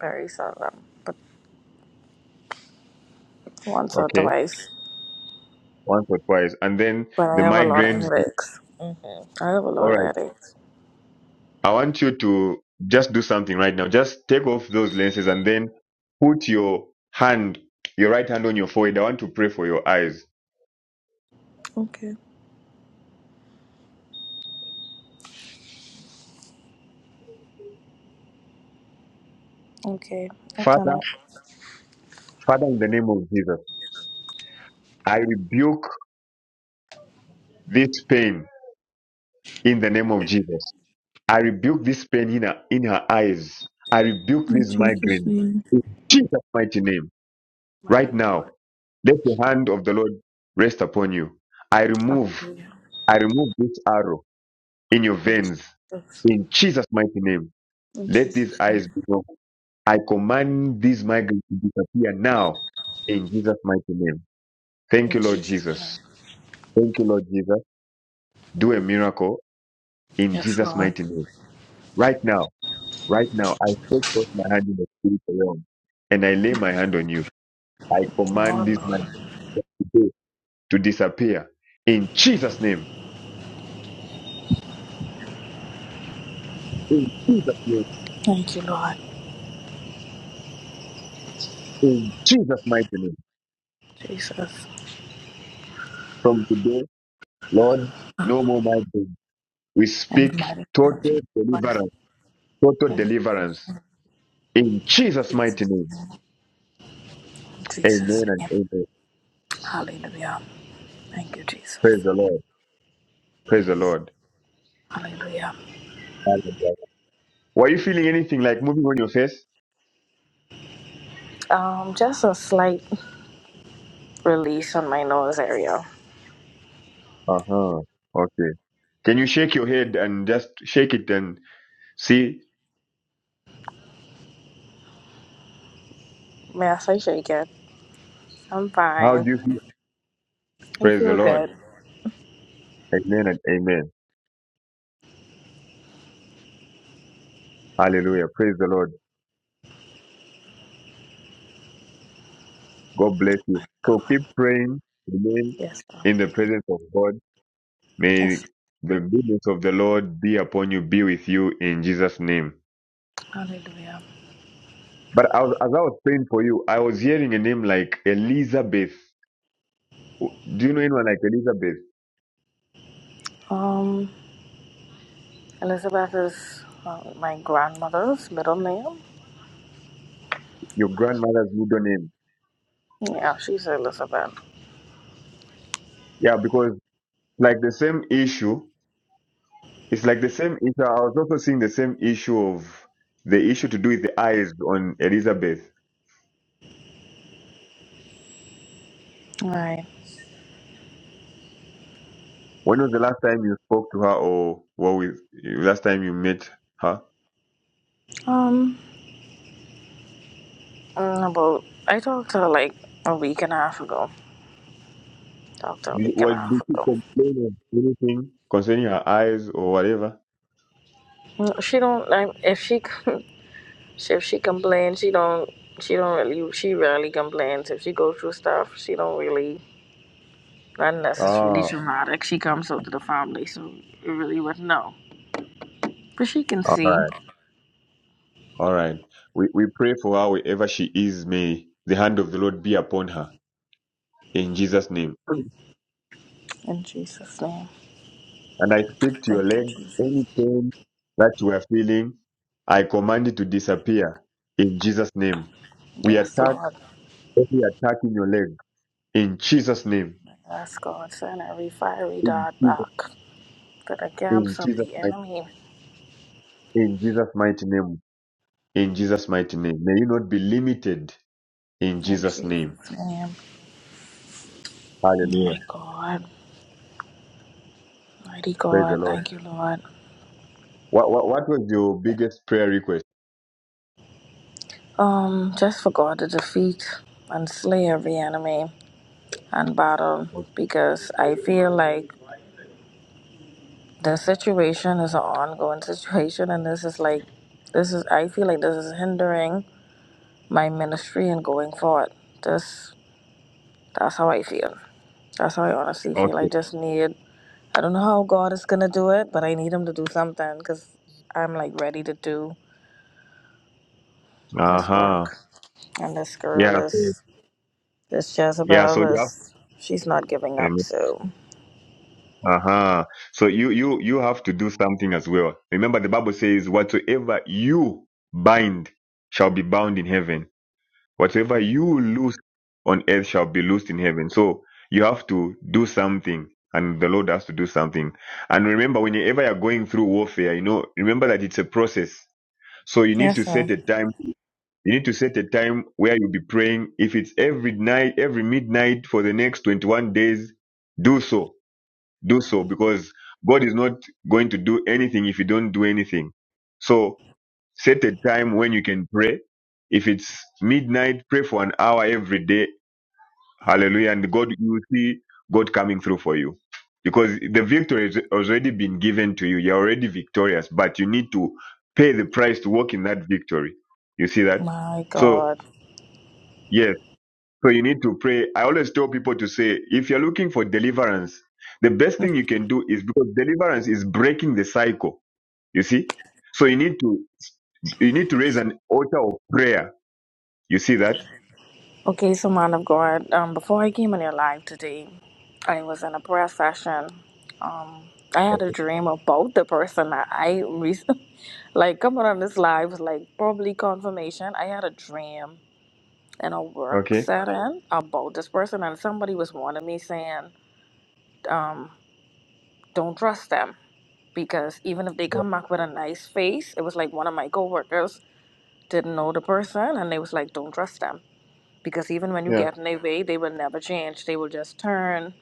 Very seldom. But once or
Okay,
twice.
once or twice, and then
But
the
I have a lot of
migraines.
headaches. hmm I have a
All
lot of
right,
headaches.
I want you to just do something right now. Just take off those lenses and then put your hand, your right hand on your forehead. I want to pray for your eyes.
Okay. Okay. I done
Father,
it.
Father, in the name of Jesus, I rebuke this pain in the name of Jesus. I rebuke this pain in her in her eyes. I rebuke
In
this
Jesus'
migraine
name.
in Jesus' mighty name. Right
Mighty God.
now, let the hand of the Lord rest upon you. I remove,
Hallelujah.
I remove this arrow in your
Yes.
veins.
Yes.
In Jesus' mighty name,
In
let these
Jesus' name.
eyes be open. I command this migraine to disappear now. In Jesus' mighty name. Thank
In
you, Lord
Jesus' name.
Jesus. Thank you, Lord Jesus. Do a miracle in
Yes,
Jesus'
Lord.
mighty name. Right now. Right now, I stretch forth my hand in the spirit realm and I lay my hand on you. I command
Lord,
this man
Lord.
today to disappear in Jesus' name. In Jesus' name.
Thank you, Lord.
In Jesus' mighty name.
Jesus.
From today, Lord, no more migraine. We
In the
speak
mighty name of
total
Jesus Christ.
deliverance. Total
In
deliverance. In Jesus' mighty
Jesus'
name.
name. In
Amen
Jesus'
and
name.
amen.
Hallelujah. Thank you, Jesus.
Praise the Lord. Praise the Lord.
Hallelujah.
Hallelujah. Were you feeling anything like moving on your face?
Um, just a slight release on my nose area.
Uh huh. Okay. Can you shake your head and just shake it and? See
Yes, I'm shaking. I'm
how
fine.
do you feel?
I
Praise the
feel
Lord.
good.
Amen and amen. Hallelujah. Praise the Lord. God bless you.
My
So
God.
keep praying. Remain
Yes, ma'am.
in the presence of God. May
Yes.
the goodness of the Lord be upon you, be with you in Jesus' name.
Hallelujah.
But I was, as I was praying for you, I was hearing a name like Elizabeth. Do you know anyone like Elizabeth?
Um, Elizabeth is uh, my grandmother's middle name.
Your grandmother's middle name.
Yeah, she's Elizabeth.
Yeah, because like the same issue. It's like the same issue. I was also seeing the same issue of the issue to do with the eyes on Elizabeth.
Right.
When was the last time you spoke to her, or what with last time you met her?
Um, mm, about I talked to her like a week and a half ago. Talked to her a
Did-
week and a
Was
half
did she
ago.
complain of anything concerning her eyes or whatever?
Mm, She don't like if she she- if she complains, she don't she don't really she rarely complains. If she goes through stuff, she don't really. Unless it's really
Ah,
traumatic. She comes out to the family, so we really would know. But she can
all
see.
right, all right. We we pray for her wherever she is. May the hand of the Lord be upon her in Jesus' name.
In Jesus' name.
And I speak to your
Thank you,
leg,
Jesus.
any pain that you are feeling, I command it to disappear in Jesus' name. We
Yes,
attack
Lord.
every attack in your leg in Jesus' name.
I ask God, send every fiery
In
dart
Jesus,
back to the
in
camps of
Jesus,
the
mighty-
enemy.
in Jesus' mighty name. In Jesus' mighty name. May you not be limited in
In
Jesus' name.
Jesus' name. Oh
Hallelujah.
my God. Mighty
Praise the
God.
Lord.
Thank you, Lord.
What, what, what was your biggest prayer request?
Um, just for God to defeat and slay every enemy and battle because I feel like The situation is an ongoing situation, and this is like, this is, I feel like this is hindering my ministry and going forward. This, that's how I feel. That's how I honestly feel. I
Okay.
just need, I don't know how God is going to do it, but I need Him to do something because I'm like ready to do
Uh
His
huh.
work. And this girl
Yeah. so-
is, this
Yeah. So
Jezebel
you
is, she's not giving
have.
up. So,
Uh-huh. So you you you have to do something as well. Remember the Bible says whatsoever you bind shall be bound in heaven. Whatsoever you loose on earth shall be loosed in heaven. So you have to do something and the Lord has to do something. And remember whenever you're going through warfare, you know, remember that it's a process. So you need to
yes,
set
so,
a time. You need to set a time where you'll be praying. If it's every night, every midnight for the next 21 days, do so do so because God is not going to do anything if you don't do anything. So set a time when you can pray. If it's midnight, pray for an hour every day. Hallelujah. And God, you will see God coming through for you because the victory has already been given to you. You're already victorious, but you need to pay the price to walk in that victory. You see that?
my
So,
God.
yes, so you need to pray. I always tell people to say, if you're looking for deliverance, the best thing you can do is because deliverance is breaking the cycle. You see? So you need to you need to raise an altar of prayer. You see that?
Okay, so man of God, um, before I came in your live today, I was in a prayer session. Um, I had a dream about the person that I recently, like, coming on this live, was like, probably confirmation. I had a dream in a work
Okay.
setting about this person, and somebody was warning me saying, um, don't trust them because even if they come back with a nice face, it was like one of my coworkers didn't know the person, and they was like, don't trust them. because even when you
Yeah.
get in their way, they will never change. They will just turn.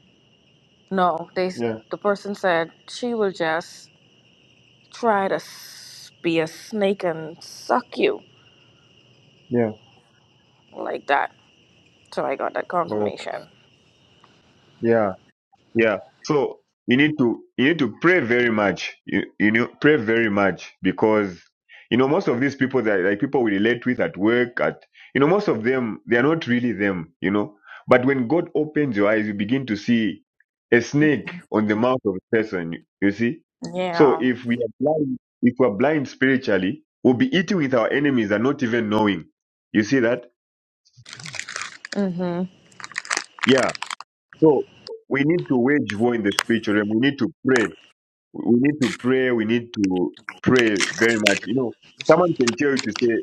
No, they.
Yeah.
The person said she will just try to s- be a snake and suck you
Yeah.
like that. So I got that
Oh.
confirmation.
Yeah. Yeah. So you need to you need to pray very much. You you know pray very much because you know most of these people that like people we relate with at work at you know most of them they are not really them. You know, but when God opens your eyes, you begin to see a snake on the mouth of a person. You, you see. So
Yeah.
if we are blind, if we are blind spiritually, we'll be eating with our enemies and not even knowing. You see that?
Mhm.
Yeah. So we need to wage war in the spiritual realm. We need to pray. we need to pray. We need to pray very much. You know, someone can tell you to say,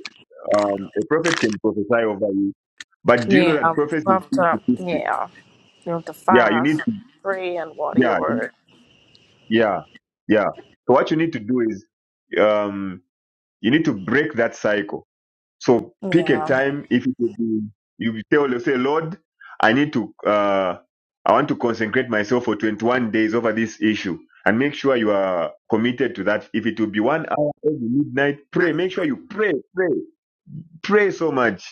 um, a prophet can prophesy over you, but do you know
Yeah.
that prophecy
You
is
have
50
to.
fifty?
Yeah. You have to
Yeah, you need
fast,
to,
pray, and water
yeah,
your word.
yeah, yeah. So what you need to do is, um, you need to break that cycle So pick a
Yeah.
time. If it will be, you tell, you say, Lord, I need to, uh, I want to consecrate myself for 21 days over this issue, and make sure you are committed to that. If it will be one hour every midnight, pray. Make sure you pray, pray. Pray so much.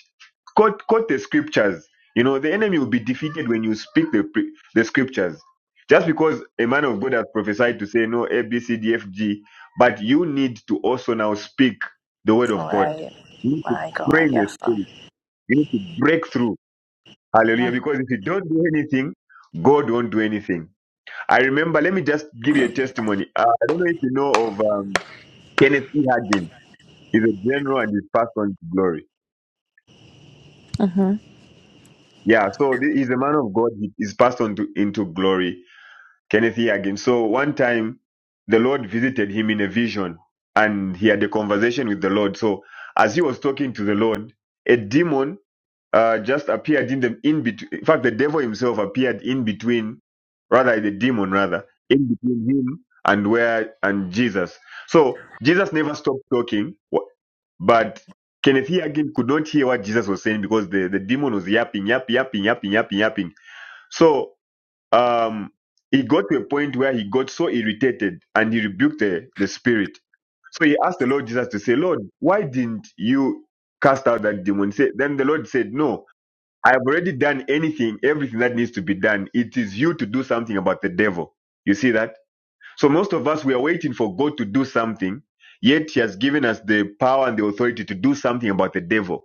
Quote, quote the scriptures. You know, the enemy will be defeated when you speak the, pre- the scriptures. Just because a man of God has prophesied to say, no, A, B, C, D, F, G, but you need to also now speak the word of
All
God.
right.
You need to
My
pray
God.
in the
Yes. Sir.
spirit. You need to break through. Hallelujah. Because if you don't do anything, God won't do anything. I remember, let me just give you a testimony. Uh, I don't know if you know of um, Kenneth E. Hagin. He's a general and he's passed on to glory.
Mhm.
Yeah, so th- he's a man of God. He is passed on to, into glory. Kenneth Hagin. So one time, the Lord visited him in a vision, and he had a conversation with the Lord. So as he was talking to the Lord, a demon uh, just appeared in the in between. In fact, the devil himself appeared in between, rather the demon rather in between him and where and Jesus. So Jesus never stopped talking. But Kenneth here again could not hear what Jesus was saying because the, the demon was yapping, yapping, yapping, yapping, yapping, yapping. So um, he got to a point where he got so irritated and he rebuked the, the spirit. So he asked the Lord Jesus to say, Lord, why didn't you cast out that demon? Say- Then the Lord said, No, I have already done anything, everything that needs to be done. It is you to do something about the devil. You see that? So most of us, we are waiting for God to do something, yet He has given us the power and the authority to do something about the devil.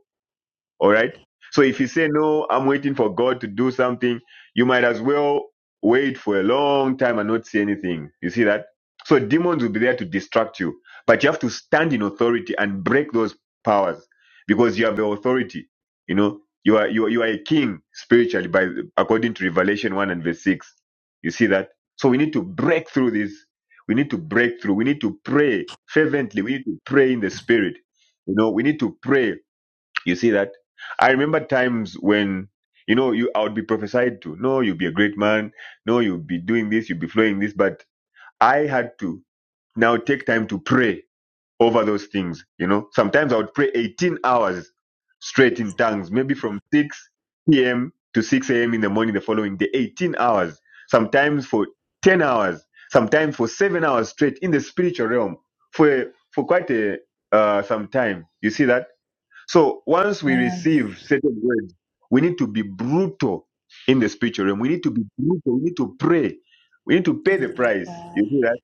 All right. So if you say, no, I'm waiting for God to do something, you might as well wait for a long time and not see anything. You see that? So demons will be there to distract you, but you have to stand in authority and break those powers because you have the authority. You know, you are, you are, you are a king spiritually by, according to Revelation 1 and verse 6. You see that? So we need to break through this. We need to break through. We need to pray fervently. We need to pray in the spirit. You know, we need to pray you see that? I remember times when, you know, you I would be prophesied to, no, you'll be a great man, no, you'll be doing this, you'll be flowing this, but I had to now take time to pray over those things. You know, sometimes I would pray 18 hours straight in tongues, maybe from 6 p.m. to 6 a.m. in the morning the following day, 18 hours, sometimes for 10 hours, sometimes for seven hours straight in the spiritual realm for for quite a uh, some time. You see that? So once we
Man.
receive certain words, we need to be brutal in the spiritual realm. We need to be brutal. We need to pray. We need to pay the
My
price. You
God.
see that?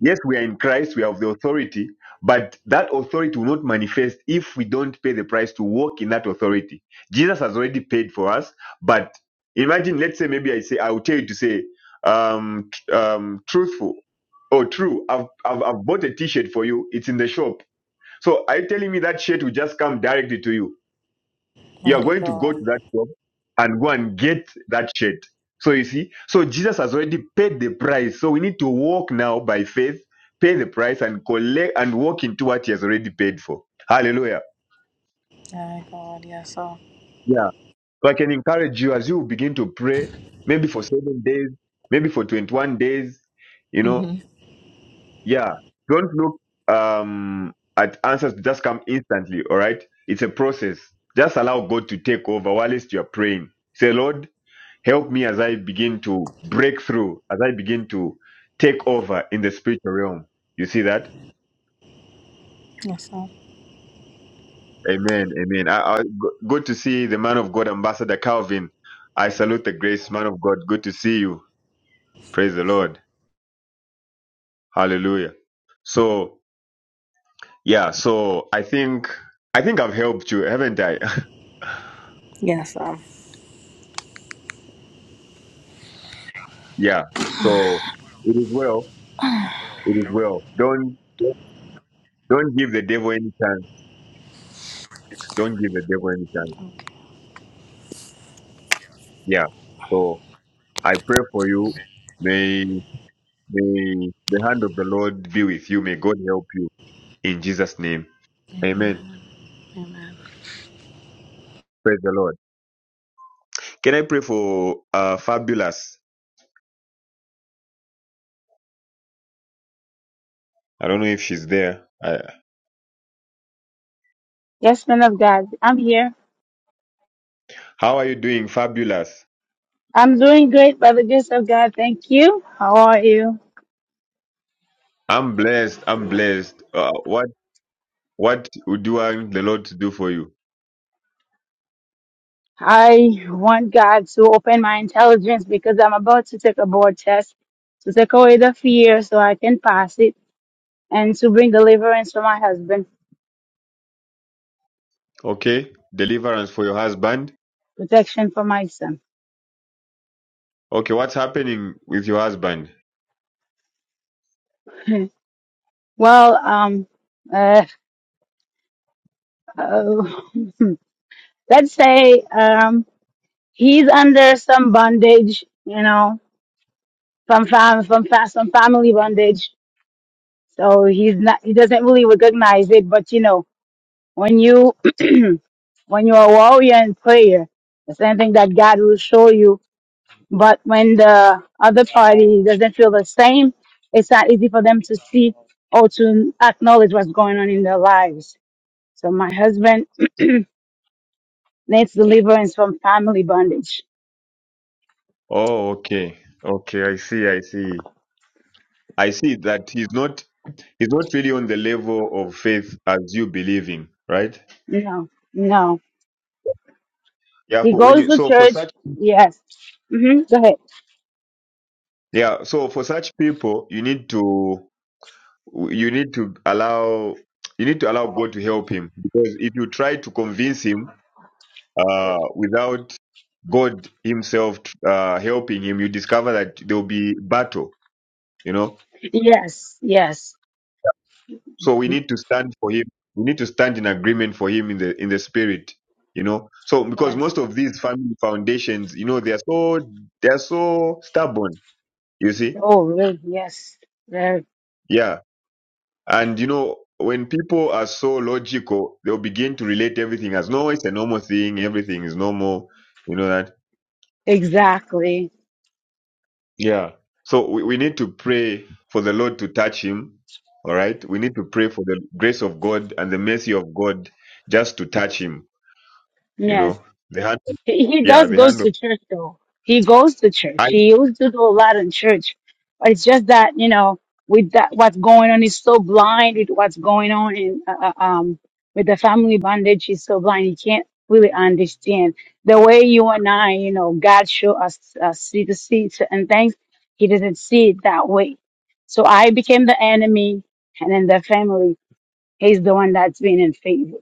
Yes, we are in Christ. We have the authority, but that authority will not manifest if we don't pay the price to walk in that authority. Jesus has already paid for us, but imagine, let's say, maybe I say, I will tell you to say, um, tr- um, truthful or true. I've, I've, I've bought a T-shirt for you. It's in the shop. So are you telling me that shirt will just come directly to you? you are
Mighty
going to go
God.
to that shop and go and get that shirt. So you see, so Jesus has already paid the price. So we need to walk now by faith, pay the price, and collect and walk into what He has already paid for. Hallelujah.
My God. Yes. Sir.
Yeah. So I can encourage you as you begin to pray, maybe for seven days, maybe for 21 days, you know,
Mhm.
yeah. Don't look um, at answers to just come instantly, all right? It's a process. Just allow God to take over whilst you are praying. Say, Lord, Help me as I begin to break through, as I begin to take over in the spiritual realm. You see that?
Yes. Sir.
Amen. Amen. I, I, go- good to see the man of God, Ambassador Calvin. I salute the grace, man of God. Good to see you. Praise the Lord. Hallelujah. So, yeah, so I think, I think I've helped you, haven't I?
Yes, sir.
yeah. So it is well. It is well. Don't, don't give the devil any chance. Don't give the devil any chance. Yeah. So. I pray for you. May, may the hand of the Lord be with you. May God help you. In Jesus' name. Amen.
Amen.
Praise the Lord. Can I pray for uh, Fabulous? I don't know if she's there. Uh,
Yes, man of God, I'm here.
how are you doing, Fabulous?
I'm doing great by the grace of God. Thank you. How are you?
I'm blessed. I'm blessed. Uh, what what would you want the Lord to do for you?
I want God to open my intelligence because I'm about to take a board test to take away the fear so I can pass it and to bring deliverance for my husband,
Okay. Deliverance for your husband.
protection for my son.
Okay. What's happening with your husband?
Well, um, uh, let's say um, he's under some bondage, you know, from fam from fa- some family bondage. So he's not he doesn't really recognize it. But you know, when you when you're a warrior in prayer, the same thing that God will show you. But when the other party doesn't feel the same, it's not easy for them to see or to acknowledge what's going on in their lives. So my husband needs deliverance from family bondage.
Oh, okay. Okay. I see. I see. I see that he's not It's not really on the level of faith as you believe in, right?
No, no.
Yeah,
He
for when
goes
you
to
so for
church.
such
Yes. hmm Go ahead.
yeah, so for such people you need to you need to allow you need to allow God to help him because if you try to convince him uh without God himself uh helping him, you discover that there'll be battle, you know?
Yes. Yes.
So we need to stand for him. We need to stand in agreement for him in the in the spirit. You know, so because
Yes.
most of these family foundations, you know, they are so they are so stubborn. You see,
Oh, really? Yes. There.
yeah, and you know when people are so logical, they'll begin to relate everything as no, it's a normal thing. Everything is normal. You know that,
Exactly.
yeah. So we, we need to pray for the Lord to touch him. All right, we need to pray for the grace of God and the mercy of God just to touch him You
Yes.
know, the hand.
He, he
Yeah,
does
the
goes
hand of.
to church though. He goes to
I,
church. He used to do a lot in church. It's just that, you know, with that, what's going on, he's so blind with what's going on in, uh, uh, um, with the family bondage. He's so blind. He can't really understand the way you and I, you know, God show us, uh, see the see certain things. He doesn't see it that way. So I became the enemy and then the family. He's the one that's been in favor.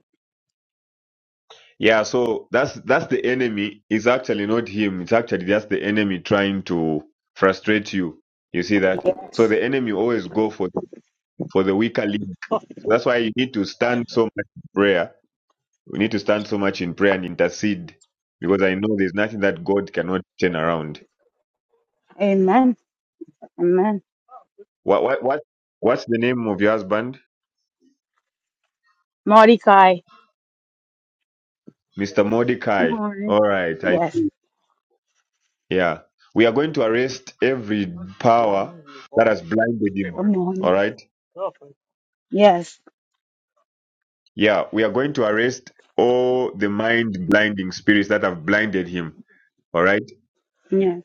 yeah, so that's that's the enemy. It's actually not him. It's actually just the enemy trying to frustrate you. You see that? So the enemy always go for the, for the weaker link. So that's why you need to stand so much in prayer. We need to stand so much in prayer and intercede because I know there's nothing that God cannot turn around.
Amen. Amen.
What what what what's the name of your husband?
Mordecai.
Mr.
Good
Mordecai.
morning.
All right, I
Yes.
Yeah. We are going to arrest every power that has blinded him.
Good
All
morning.
right.
Yes.
Yeah. We are going to arrest all the mind blinding spirits that have blinded him. All right.
Yes.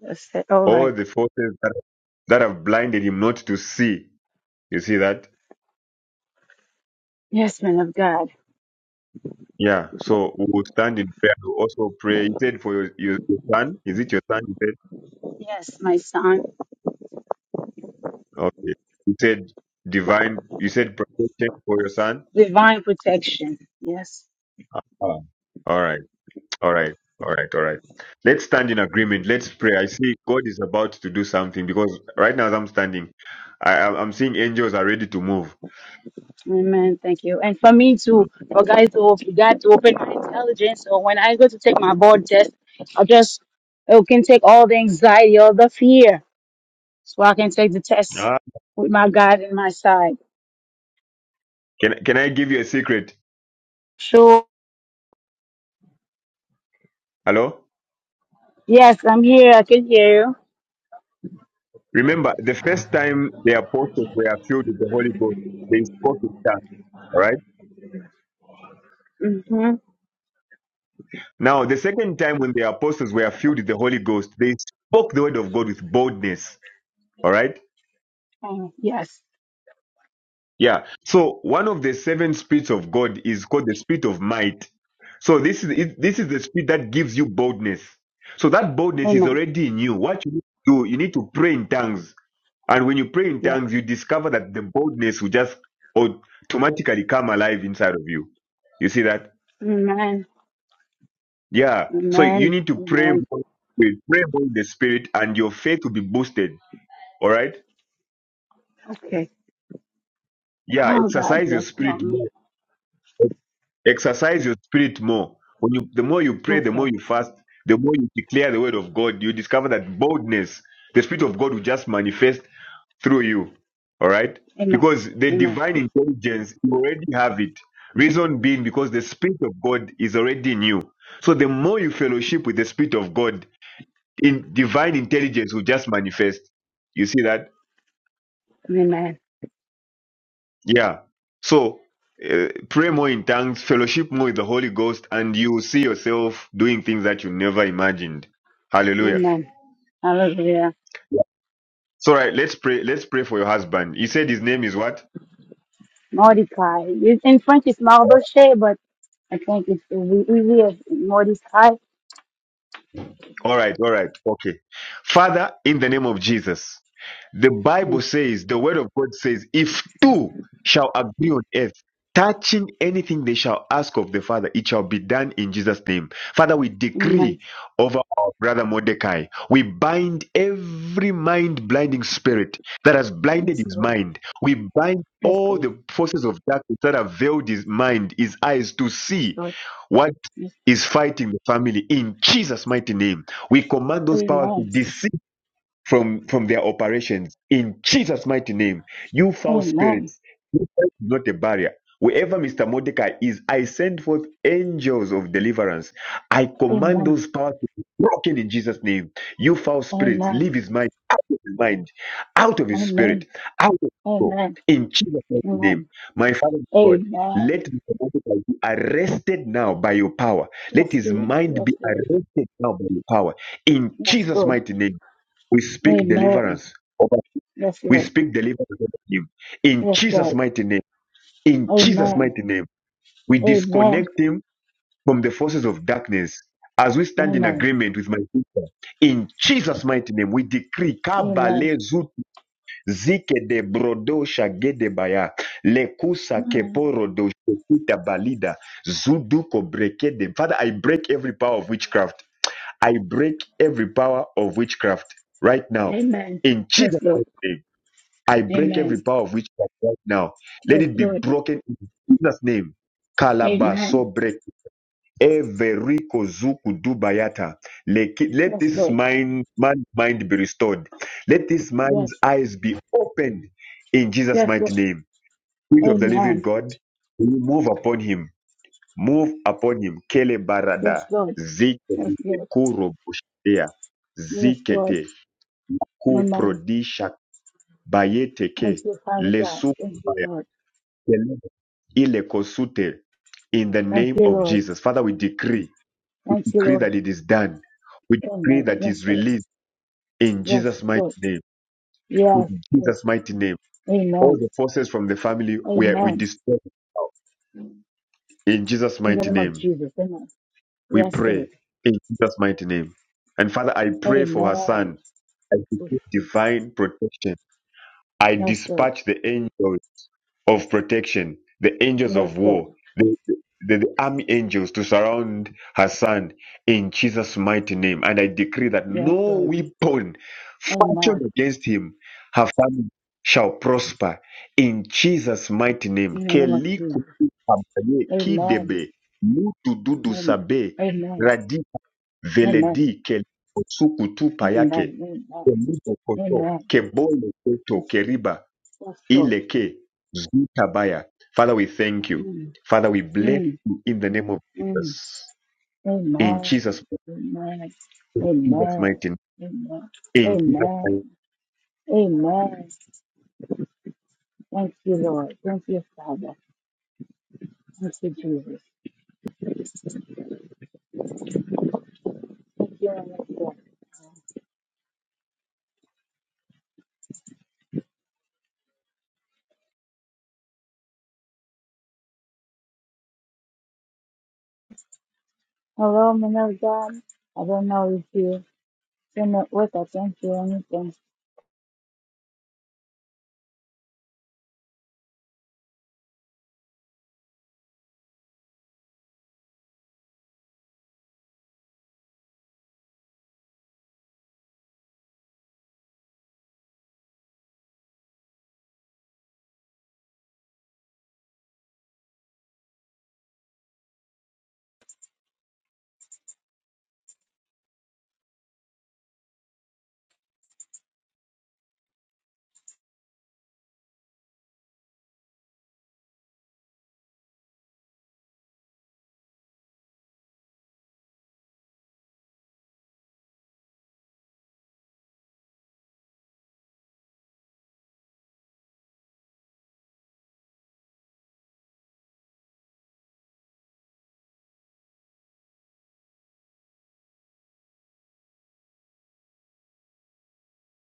That's it. All
All
right.
the forces that, that have blinded him not to see. You see that?
Yes, man of God.
Yeah. So we will stand in prayer. We will also pray. You said for your, your, your son. Is it your son? You said,
Yes, my son.
okay. You said divine. You said protection for your son.
Divine protection. Yes.
Ah. All right. All right. All right. All right. Let's stand in agreement. Let's pray. I see God is about to do something because right now as I'm standing, I, I'm I'm seeing angels are ready to move.
Amen. Thank you. And for me
Mm.
to, for guys to op- God to open my intelligence. So when I go to take my board test, I just it can take all the anxiety, all the fear. So I can take the test
Ah.
with my God in my side.
Can, can I give you a secret?
Sure.
Hello?
Yes, I'm here. I can hear you.
Remember, the first time the apostles were filled with the Holy Ghost, they spoke in tongues. All right.
Mm-hmm.
Now, the second time when the apostles were filled with the Holy Ghost, they spoke the word of God with boldness. All right.
Oh, yes.
Yeah. So one of the seven spirits of God is called the spirit of might. So this is it- this is the spirit that gives you boldness. So that boldness is
Amen.
already in you. What you need to do, you need to pray in tongues. And when you pray in
Yeah.
tongues, you discover that the boldness will just automatically come alive inside of you. You see that?
Amen.
Yeah. So you
Amen.
need to pray
Amen.
more, with- pray more in the spirit, and your faith will be boosted. All right?
Okay.
Yeah.
Oh God,
Exercise your
yes, help
spirit.
me.
more. Exercise your spirit more. When you, the more you pray, the more
Okay.
you fast, the more you declare the word of God, you discover that boldness, the spirit of God will just manifest through you. All right?
Amen.
Because the
Amen.
divine intelligence, you already have it. Reason being, because the Spirit of God is already in you. So the more you fellowship with the Spirit of God, in divine intelligence will just manifest. You see that?
Amen.
Yeah. So uh, pray more in tongues, fellowship more with the Holy Ghost, and you will see yourself doing things that you never imagined. Hallelujah.
Amen. Hallelujah.
Yeah. So right, let's pray. Let's pray for your husband. He said his name is what?
Mordecai. It's- In French it's Mardoché, but I think it's we we we have Mordecai.
All right, all right, okay. Father, in the name of Jesus. The
Hmm.
Bible says, the word of God says, if two shall agree on earth, touching anything they shall ask of the Father, it shall be done in Jesus' name. Father, we
Amen.
decree over our brother Mordecai. We bind every mind blinding spirit that has blinded
Yes,
his
Lord.
mind. We bind
Yes,
all
Lord.
the forces of darkness that have veiled his mind, his eyes to
Yes,
see
Lord.
what
Yes.
is fighting the family in Jesus' mighty name. We command those
Amen.
powers to from from their operations in jesus mighty name you foul
Amen.
spirits you are not a barrier wherever mr mordecai is i send forth angels of deliverance i command
Amen.
those powers to be broken in jesus name you foul
Amen.
spirits
Amen.
leave his mind out of his mind out of his spirit
Amen.
out of his soul
Amen.
in jesus mighty name
Amen.
my father god
Yes,
let Mr. Mordecai be arrested now by your power. Let his
Lord.
mind be
Yes, Lord.
arrested now by your power. In
That's
Jesus'
good.
mighty name. We speak
Amen.
deliverance. over-
That's
We
right.
speak deliverance over him. In
That's
Jesus'
right.
mighty name. In Jesus'
Amen.
mighty name. We
Amen.
disconnect him from the forces of darkness as we stand in
Amen.
agreement with my sister. In Jesus' mighty name, we decree
Amen.
kabale zut zike de brodo shage baya lekusa
Amen.
keporo do shekita balida zuduko breke de. Father, I break every power of witchcraft. I break every power of witchcraft right now.
Amen.
In Jesus'
Yes, Lord.
name. I break every
Amen.
power of witchcraft right now. Let
Yes,
it be
Lord.
broken in Jesus' name.
Amen.
Kalabaso break every kozuku dubayata. Leki- Let
Yes,
this
Lord.
mind, man's mind be restored. Let this man's
Yes.
eyes be opened in Jesus'
Yes,
mighty
Lord.
name. Spirit of the living
Amen.
God, move upon him. Move upon him. Kele
Yes,
barada.
Lord. Yes,
Zikete
Lord.
kurobushia.
Yes, Lord.
Zikete
Amen.
kuprodisha
Thank
bayeteke.
you, Father God.
Lesu
Thank you, Lord.
Ilekosute, In the
Thank
name
you,
of
Lord.
Jesus. Father, we decree,
Thank you,
decree
Lord.
that it is done. We decree
Amen.
that
Yes,
is
Lord.
released in
Yes,
Jesus' mighty
Lord.
name. In
Yes, yes.
Jesus' mighty name. All
Amen.
the forces from the family where we
Amen.
destroy in Jesus'
In the
mighty
name of
name.
Jesus. Amen.
We
Yes, Lord.
pray in Jesus' mighty name. And Father, I pray for her
Amen.
son. I decree divine protection. I
Yes, Lord.
dispatch the angels of protection, the angels
Yes,
of
Lord.
war, the, the, the army angels to surround her son in Jesus' mighty name. And I decree that
Yes,
no
Lord.
weapon fashioned
Amen.
against him, her family, shall prosper in Jesus' mighty name.
In the name of
Keli
Jesus. Amen.
kidebe, mutu
Amen.
sabe,
Amen.
radi
Amen.
veledi keli payake,
Amen.
keli
Amen. Amen.
kebole koto
Yes,
keriba.
yes, Lord.
Ileke Zutabaya. Father, we thank you.
Mm,
Father, we bless
mm,
you in the name of
mm.
Jesus.
Amen.
In
Amen.
Jesus,
Amen. Amen.
mighty name. In Jesus' mighty
Amen.
name.
Amen. Thank you, Lord. Thank you, Father. Thank you, Jesus. Hello, man of God. I don't know if you can work. I can't do anything.